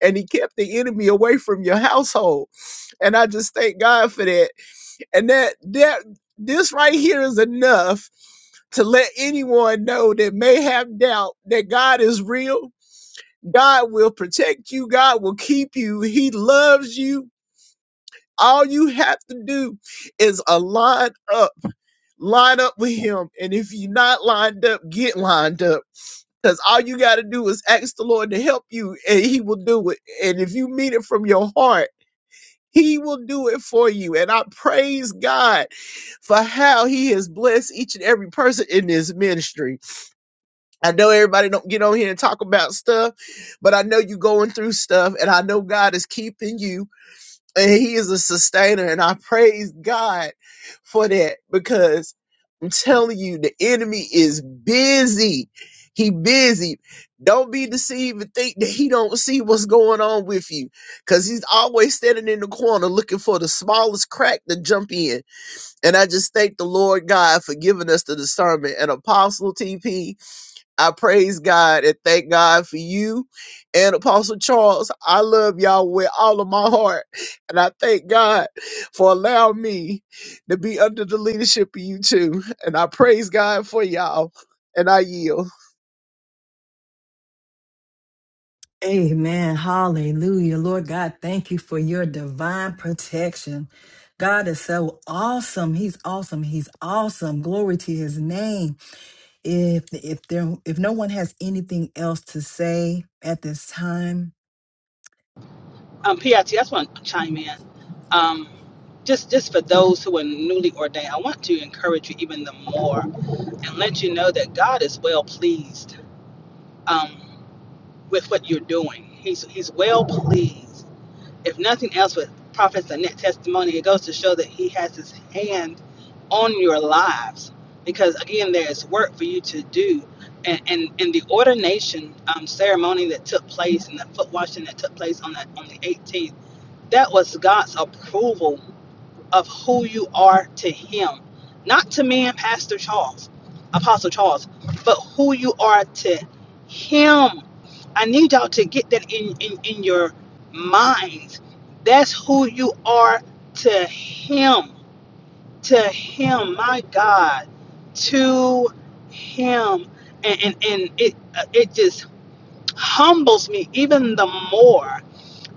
[SPEAKER 2] and he kept the enemy away from your household. And I just thank God for that. And that that this right here is enough to let anyone know that may have doubt that God is real God will protect you. God will keep you. He loves you. All you have to do is uh, line up, line up with Him. And if you're not lined up, get lined up. Because all you got to do is ask the Lord to help you, and He will do it. And if you mean it from your heart, He will do it for you. And I praise God for how He has blessed each and every person in this ministry. I know everybody don't get on here and talk about stuff, but I know you going through stuff and I know God is keeping you and he is a sustainer and I praise God for that because I'm telling you the enemy is busy. He busy. Don't be deceived and think that he don't see what's going on with you cuz he's always standing in the corner looking for the smallest crack to jump in. And I just thank the Lord God for giving us the discernment and apostle TP I praise God and thank God for you and Apostle Charles. I love y'all with all of my heart. And I thank God for allowing me to be under the leadership of you two. And I praise God for y'all. And I yield.
[SPEAKER 1] Amen. Hallelujah. Lord God, thank you for your divine protection. God is so awesome. He's awesome. He's awesome. Glory to his name. If if there if no one has anything else to say at this time,
[SPEAKER 4] Um, P. I. T. I just want to chime in. Um, just, just for those who are newly ordained, I want to encourage you even the more and let you know that God is well pleased um, with what you're doing. He's, he's well pleased. if nothing else with prophets and testimony, it goes to show that he has his hand on your lives. Because again, there's work for you to do. And, and, and the ordination um, ceremony that took place and the foot washing that took place on the, on the 18th, that was God's approval of who you are to him. Not to me and Pastor Charles, Apostle Charles, but who you are to him I need y'all to get that in, in, in your minds. That's who you are to Him. To Him, my God. To Him. And, and, and it, uh, it just humbles me even the more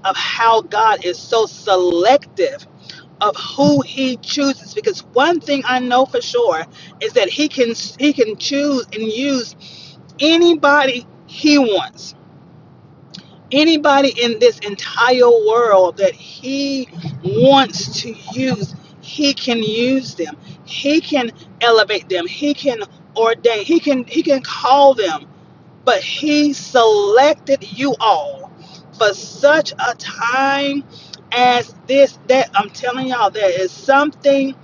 [SPEAKER 4] of how God is so selective of who he chooses because one thing I know for sure is that he can he can choose and use anybody he wants anybody in this entire world that he wants to use, he can use them. He can elevate them. He can ordain. He can he can call them. But he selected you all for such a time as this that I'm telling y'all there is something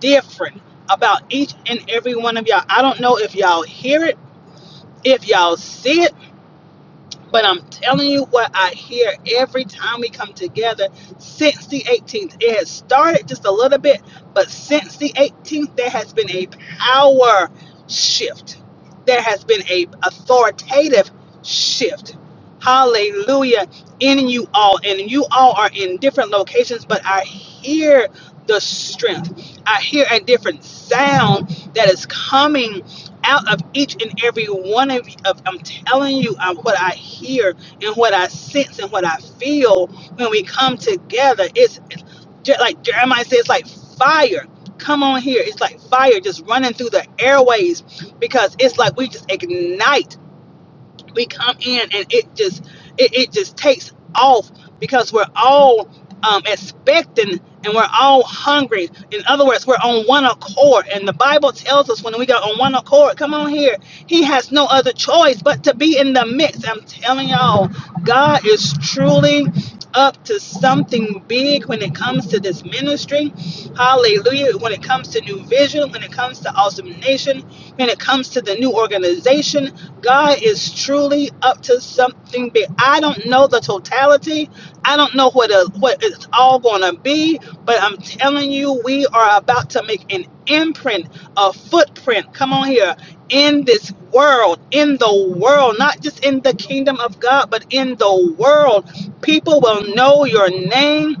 [SPEAKER 4] different about each and every one of y'all. I don't know if y'all hear it, if y'all see it, but I'm telling you what I hear every time we come together since the 18th. It has started just a little bit, but since the 18th, there has been a power shift. There has been a authoritative shift. Hallelujah in you all. And you all are in different locations, but I hear the strength. I hear a different sound that is coming out of each and every one of you. Of, I'm telling you, um, what I hear and what I sense and what I feel when we come together. It's just like Jeremiah says, like fire. Come on here. It's like fire just running through the airways because it's like we just ignite we come in and it just it, it just takes off because we're all um, expecting and we're all hungry in other words we're on one accord and the bible tells us when we got on one accord come on here he has no other choice but to be in the mix i'm telling y'all god is truly up to something big when it comes to this ministry. Hallelujah. When it comes to new vision, when it comes to awesome nation, when it comes to the new organization, God is truly up to something big. I don't know the totality. I don't know what a, what it's all going to be, but I'm telling you we are about to make an imprint, a footprint. Come on here in this world, in the world, not just in the kingdom of God, but in the world. People will know your name.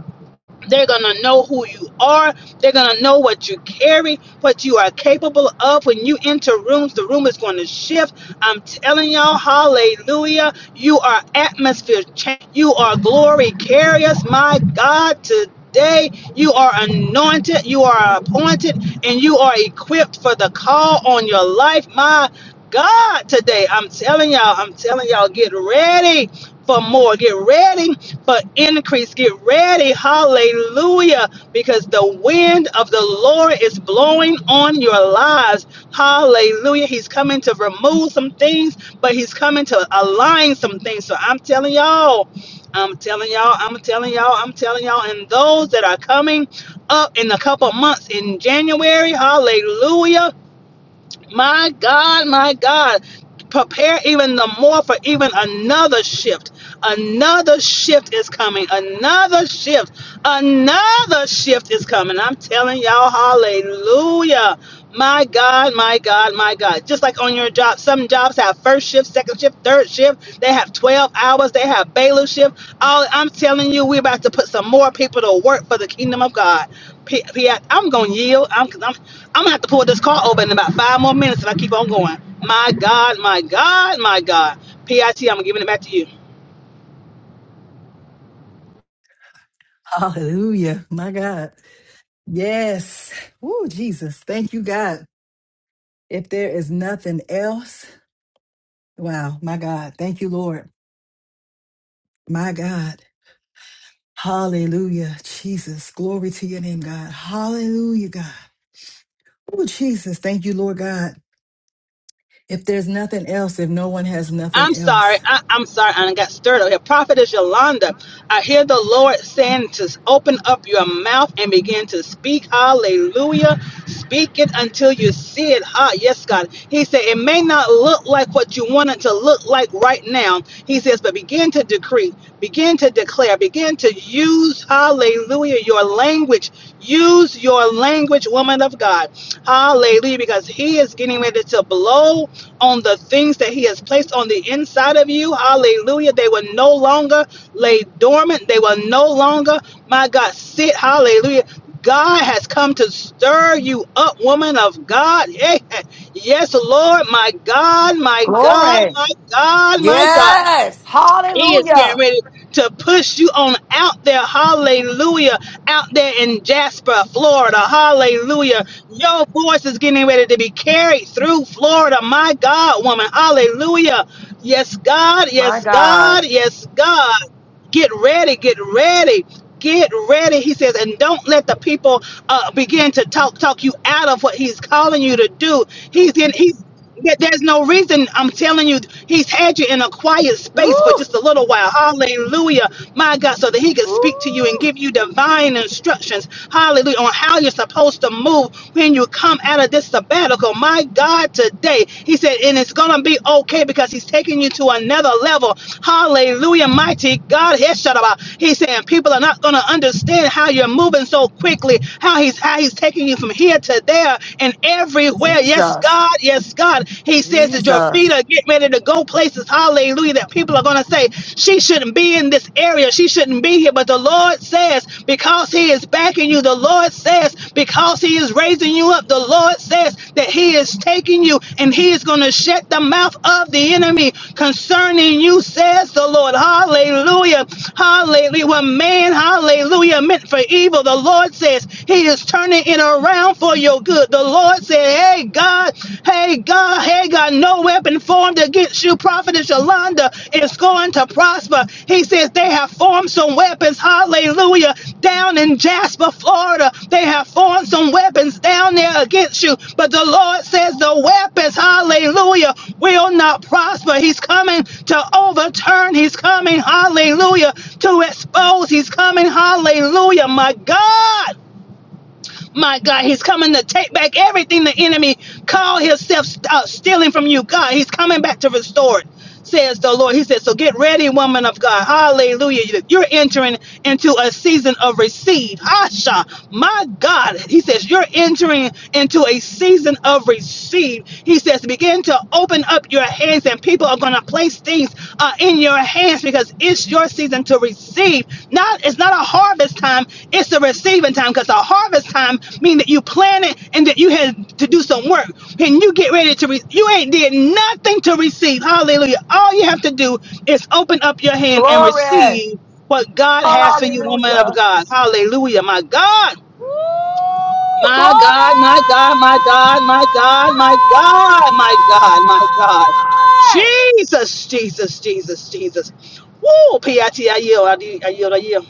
[SPEAKER 4] They're going to know who you are. They're going to know what you carry, what you are capable of. When you enter rooms, the room is going to shift. I'm telling y'all, hallelujah. You are atmosphere change. You are glory carriers. My God, today you are anointed, you are appointed, and you are equipped for the call on your life. My God, today I'm telling y'all, I'm telling y'all, get ready for more. Get ready for increase. Get ready. Hallelujah. Because the wind of the Lord is blowing on your lives. Hallelujah. He's coming to remove some things, but he's coming to align some things. So I'm telling y'all, I'm telling y'all, I'm telling y'all, I'm telling y'all. And those that are coming up in a couple months in January, hallelujah. My God, my God. Prepare even the more for even another shift. Another shift is coming. Another shift. Another shift is coming. I'm telling y'all, hallelujah. My God, my God, my God. Just like on your job, some jobs have first shift, second shift, third shift. They have 12 hours. They have bailiff shift. All I'm telling you, we're about to put some more people to work for the kingdom of God. P- P- I'm going to yield. I'm, I'm, I'm going to have to pull this car over in about five more minutes if I keep on going. My God, my God, my God. PIT, I'm giving it back to you.
[SPEAKER 1] hallelujah. My God. Yes. Oh, Jesus. Thank you, God. If there is nothing else, wow, my God. Thank you, Lord. My God. Hallelujah. Jesus. Glory to your name, God. Hallelujah, God. Oh, Jesus. Thank you, Lord God. If there's nothing else, if no one has nothing
[SPEAKER 4] I'm sorry.
[SPEAKER 1] else,
[SPEAKER 4] I, I'm sorry. I got stirred up here. Prophetess Yolanda, I hear the Lord saying to open up your mouth and begin to speak. Hallelujah. Speak it until you see it. Ah, yes, God. He said, it may not look like what you want it to look like right now. He says, but begin to decree decree, begin to declare, begin to use, hallelujah, your language. Use your language, woman of God. Hallelujah, because he is getting ready to blow on the things that he has placed on the inside of you. Hallelujah. They will no longer lay dormant. They will no longer, my God, sit. Hallelujah. God has come to stir you up, woman of God. Yeah. Yes, Lord, my God, my God,
[SPEAKER 6] Glory.
[SPEAKER 4] my God, my God.
[SPEAKER 6] Yes.
[SPEAKER 4] He is getting
[SPEAKER 6] Hallelujah.
[SPEAKER 4] ready to push you on out there. Hallelujah. Out there in Jasper, Florida. Hallelujah. Your voice is getting ready to be carried through Florida. My God, woman. Hallelujah. Yes, God.
[SPEAKER 6] My
[SPEAKER 4] Yes, God.
[SPEAKER 6] God.
[SPEAKER 4] Yes, God. Get ready, get ready, get ready. He says, and don't let the people uh, begin to talk talk you out of what he's calling you to do. He's in he's there- there's no reason I'm telling you he's had you in a quiet space for
[SPEAKER 6] Ooh,
[SPEAKER 4] just a little while. Hallelujah. My God, so that he could speak to you and
[SPEAKER 6] ooh.
[SPEAKER 4] give you divine instructions. Hallelujah. On how you're supposed to move when you come out of this sabbatical. My God. God today. He said, and it's going to be okay because He's taking you to another level. Hallelujah, mighty God. He shut up. He's saying people are not going to understand how you're moving so quickly, how He's how He's taking you from here to there and everywhere. Yes,
[SPEAKER 6] Jesus.
[SPEAKER 4] God. Yes, God. He says that your feet
[SPEAKER 6] Jesus.
[SPEAKER 4] are getting ready to go places. Hallelujah. That people are going to say, she shouldn't be in this area. She shouldn't be here. But the Lord says, because he is backing you, the Lord says, because he is raising you up, the Lord says that he is taking you and he is going to shut the mouth of the enemy concerning you, says the Lord. Hallelujah. Hallelujah. What man, hallelujah, meant for evil, the Lord says he is turning it around for your good. The Lord said, hey, God, hey, God, hey, God, no weapon weapon formed against you, Prophetess Yolanda, is going to prosper. He says they have formed some weapons, hallelujah, down in Jasper, Florida. They have formed some weapons down there against you. But the Lord says the weapons, hallelujah, will not prosper. He's coming to overturn. He's coming, hallelujah, to expose. He's coming, hallelujah, my God. My God, he's coming to take back everything the enemy called himself uh, stealing from you. God, he's coming back to restore it, says the Lord. He said, So get ready, woman of God. Hallelujah. You're entering into a season of receive. Asha, my God. He says, You're entering into a season of receive. He says, Begin to open up your hands, and people are going to place place things uh, in your hands because it's your season to receive. Not it's not a harvest time; it's a receiving time because a harvest time means that you planted and that you had to do some work. And you get ready to re- you ain't did nothing to receive. Hallelujah! All you have to do is open up your hand and
[SPEAKER 6] Glory.
[SPEAKER 4] receive what God has for you, woman
[SPEAKER 6] Hallelujah.
[SPEAKER 4] of God. Hallelujah, my God.
[SPEAKER 6] Woo! Glory!
[SPEAKER 4] My God, my God, my God, my God, my God, my God, my God. Jesus, Jesus, Jesus, Jesus. Woo, P.I.T., I T, I yield, I yield, I yield, I yield.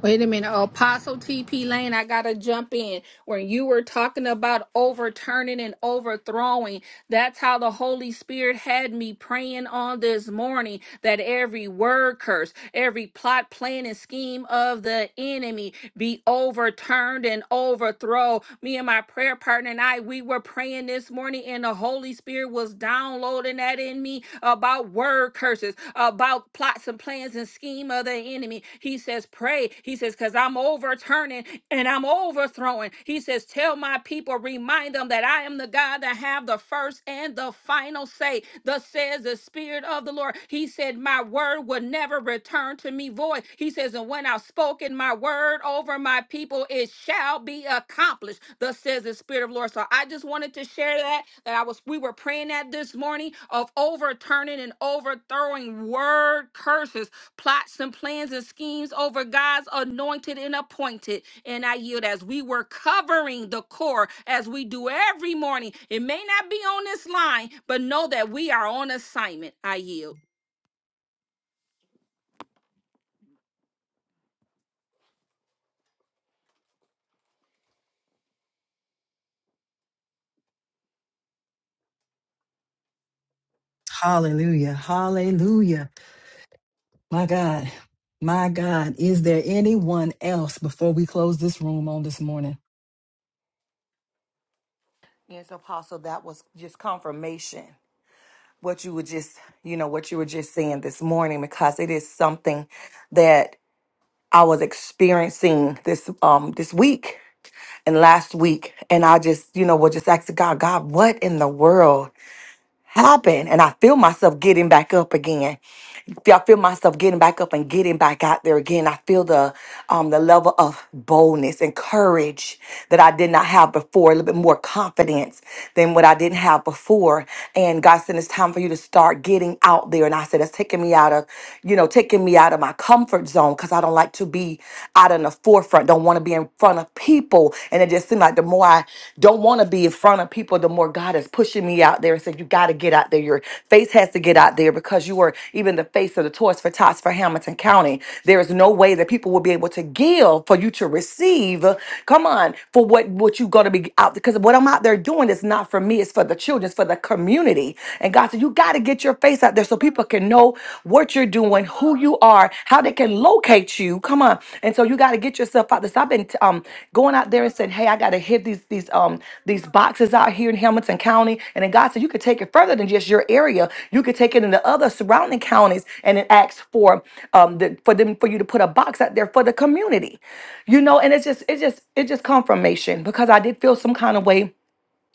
[SPEAKER 5] Wait a minute, Apostle TP Lane, I gotta jump in. When you were talking about overturning and overthrowing, that's how the Holy Spirit had me praying on this morning that every word curse, every plot, plan, and scheme of the enemy be overturned and overthrown. Me and my prayer partner and I, we were praying this morning, and the Holy Spirit was downloading that in me about word curses, about plots and plans and scheme of the of the enemy. He says, Pray. He says, Because I'm overturning and I'm overthrowing. He says, Tell my people, remind them that I am the God that have the first and the final say. Thus says the Spirit of the Lord. He said, My word will never return to me void. He says, And when I've spoken my word over my people, it shall be accomplished. Thus says the the spirit of the Lord. So I just wanted to share that that I was we were praying that this morning of overturning and overthrowing word curses, plots and plans and schemes over God's anointed and appointed. And I yield as we were covering the core as we do every morning. It may not be on this line, but know that we are on assignment. I yield.
[SPEAKER 1] hallelujah. Hallelujah. My God. My God. Is there anyone else before we close this room on this morning?
[SPEAKER 6] Yes, Apostle, that was just confirmation. What you were just, you know, what you were just saying this morning, because it is something that I was experiencing this um this week and last week, and I just, you know, was just asking God, God, what in the world happened? And I feel myself getting back up again feel- I feel myself getting back up and getting back out there again. I feel the um, the level of boldness and courage that I did not have before, a little bit more confidence than what I didn't have before. And God said, it's time for you to start getting out there. And I said, that's taking me out of, you know, taking me out of my comfort zone because I don't like to be out in the forefront, don't want to be in front of people. And it just seemed like the more I don't want to be in front of people, the more God is pushing me out there and said, You got to get out there. Your face has to get out there because you are even the face of the Toys for Tots for Hamilton County. There is no way that people will be able to give for you to receive. Come on, for what, what you're going to be out Because what I'm out there doing is not for me, it's for the children, it's for the community. And God said, You got to get your face out there so people can know what you're doing, who you are, how they can locate you. Come on. And so you got to get yourself out this. I've been um going out there and said, hey, I got to hit these these um these boxes out here in Hamilton County. And then God said you could take it further than just your area. You could take it into other surrounding counties and then ask for um the, for them for you to put a box out there for the community. You know, and it's just it just it just confirmation because I did feel some kind of way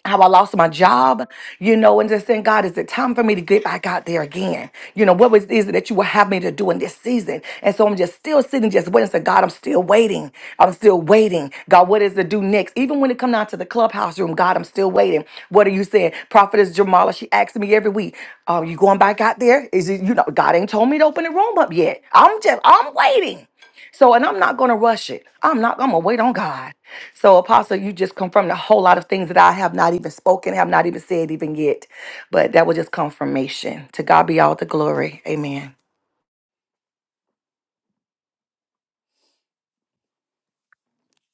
[SPEAKER 6] how I lost my job, you know, and just saying, God, is it time for me to get back out there again? You know, what was is it that you would have me to do in this season? And so I'm just still sitting, just waiting. So God, I'm still waiting. I'm still waiting. God, what is to do next? Even when it come down to the clubhouse room, God, I'm still waiting. What are you saying? Prophetess Jamala, she asks me every week, "Are you going back out there? Is it you know? God ain't told me to open the room up yet. I'm just I'm waiting." So, and I'm not going to rush it. I'm not, I'm going to wait on God. So, Apostle, you just confirmed a whole lot of things that I have not even spoken, have not even said even yet. But that was just confirmation. To God be all the glory. Amen.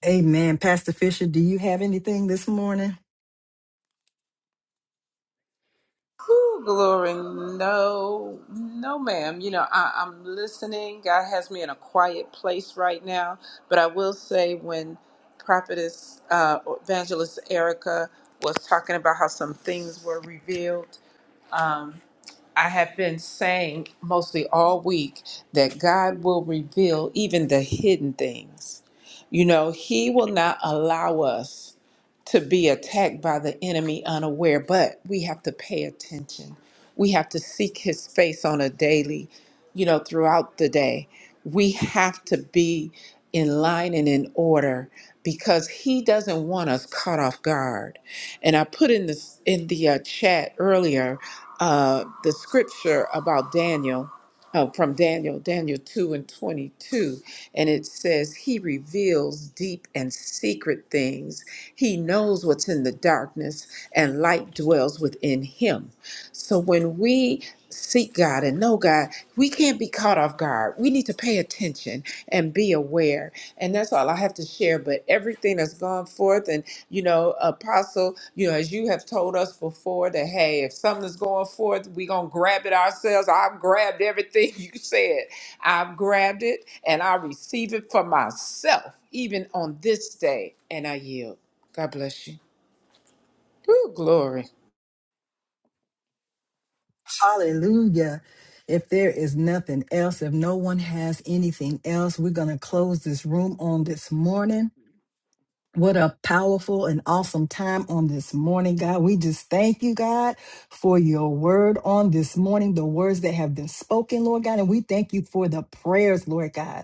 [SPEAKER 1] Amen. Pastor Fisher, do you have anything this morning?
[SPEAKER 8] Ooh, Glory, no, no, ma'am. You know, I, I'm listening. God has me in a quiet place right now. But I will say, when Prophetess uh, Evangelist Erica was talking about how some things were revealed, um, I have been saying mostly all week that God will reveal even the hidden things. You know, He will not allow us to be attacked by the enemy unaware, but we have to pay attention. We have to seek His face on a daily, you know, throughout the day. We have to be in line and in order because He doesn't want us caught off guard. And I put in this in the uh, chat earlier uh, the scripture about Daniel, uh, from Daniel, Daniel 2 and 22. And it says, He reveals deep and secret things. He knows what's in the darkness, and light dwells within Him. So when we seek God and know God, we can't be caught off guard. We need to pay attention and be aware. And that's all I have to share. But everything that's gone forth, and. You know, Apostle, you know, as you have told us before that, hey, if something's going forth, we're going to grab it ourselves. I've grabbed everything you said. I've grabbed it and I receive it for myself, even on this day. And I yield. God bless you. Ooh, glory.
[SPEAKER 1] Hallelujah. If there is nothing else, if no one has anything else, we're going to close this room on this morning. What a powerful and awesome time on this morning, God. We just thank you, God, for your word on this morning, the words that have been spoken, Lord God. And we thank you for the prayers, Lord God.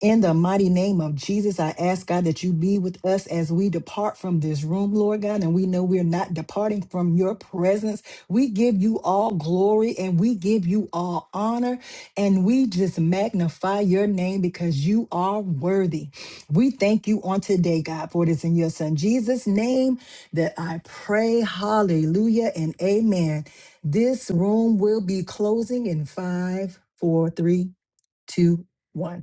[SPEAKER 1] In the mighty name of Jesus, I ask God that you be with us as we depart from this room, Lord God. And we know we're not departing from your presence. We give you all glory and we give you all honor. And we just magnify your name because you are worthy. We thank you on today, God, for it is in your son Jesus' name that I pray. Hallelujah and amen. This room will be closing in five, four, three, two, one.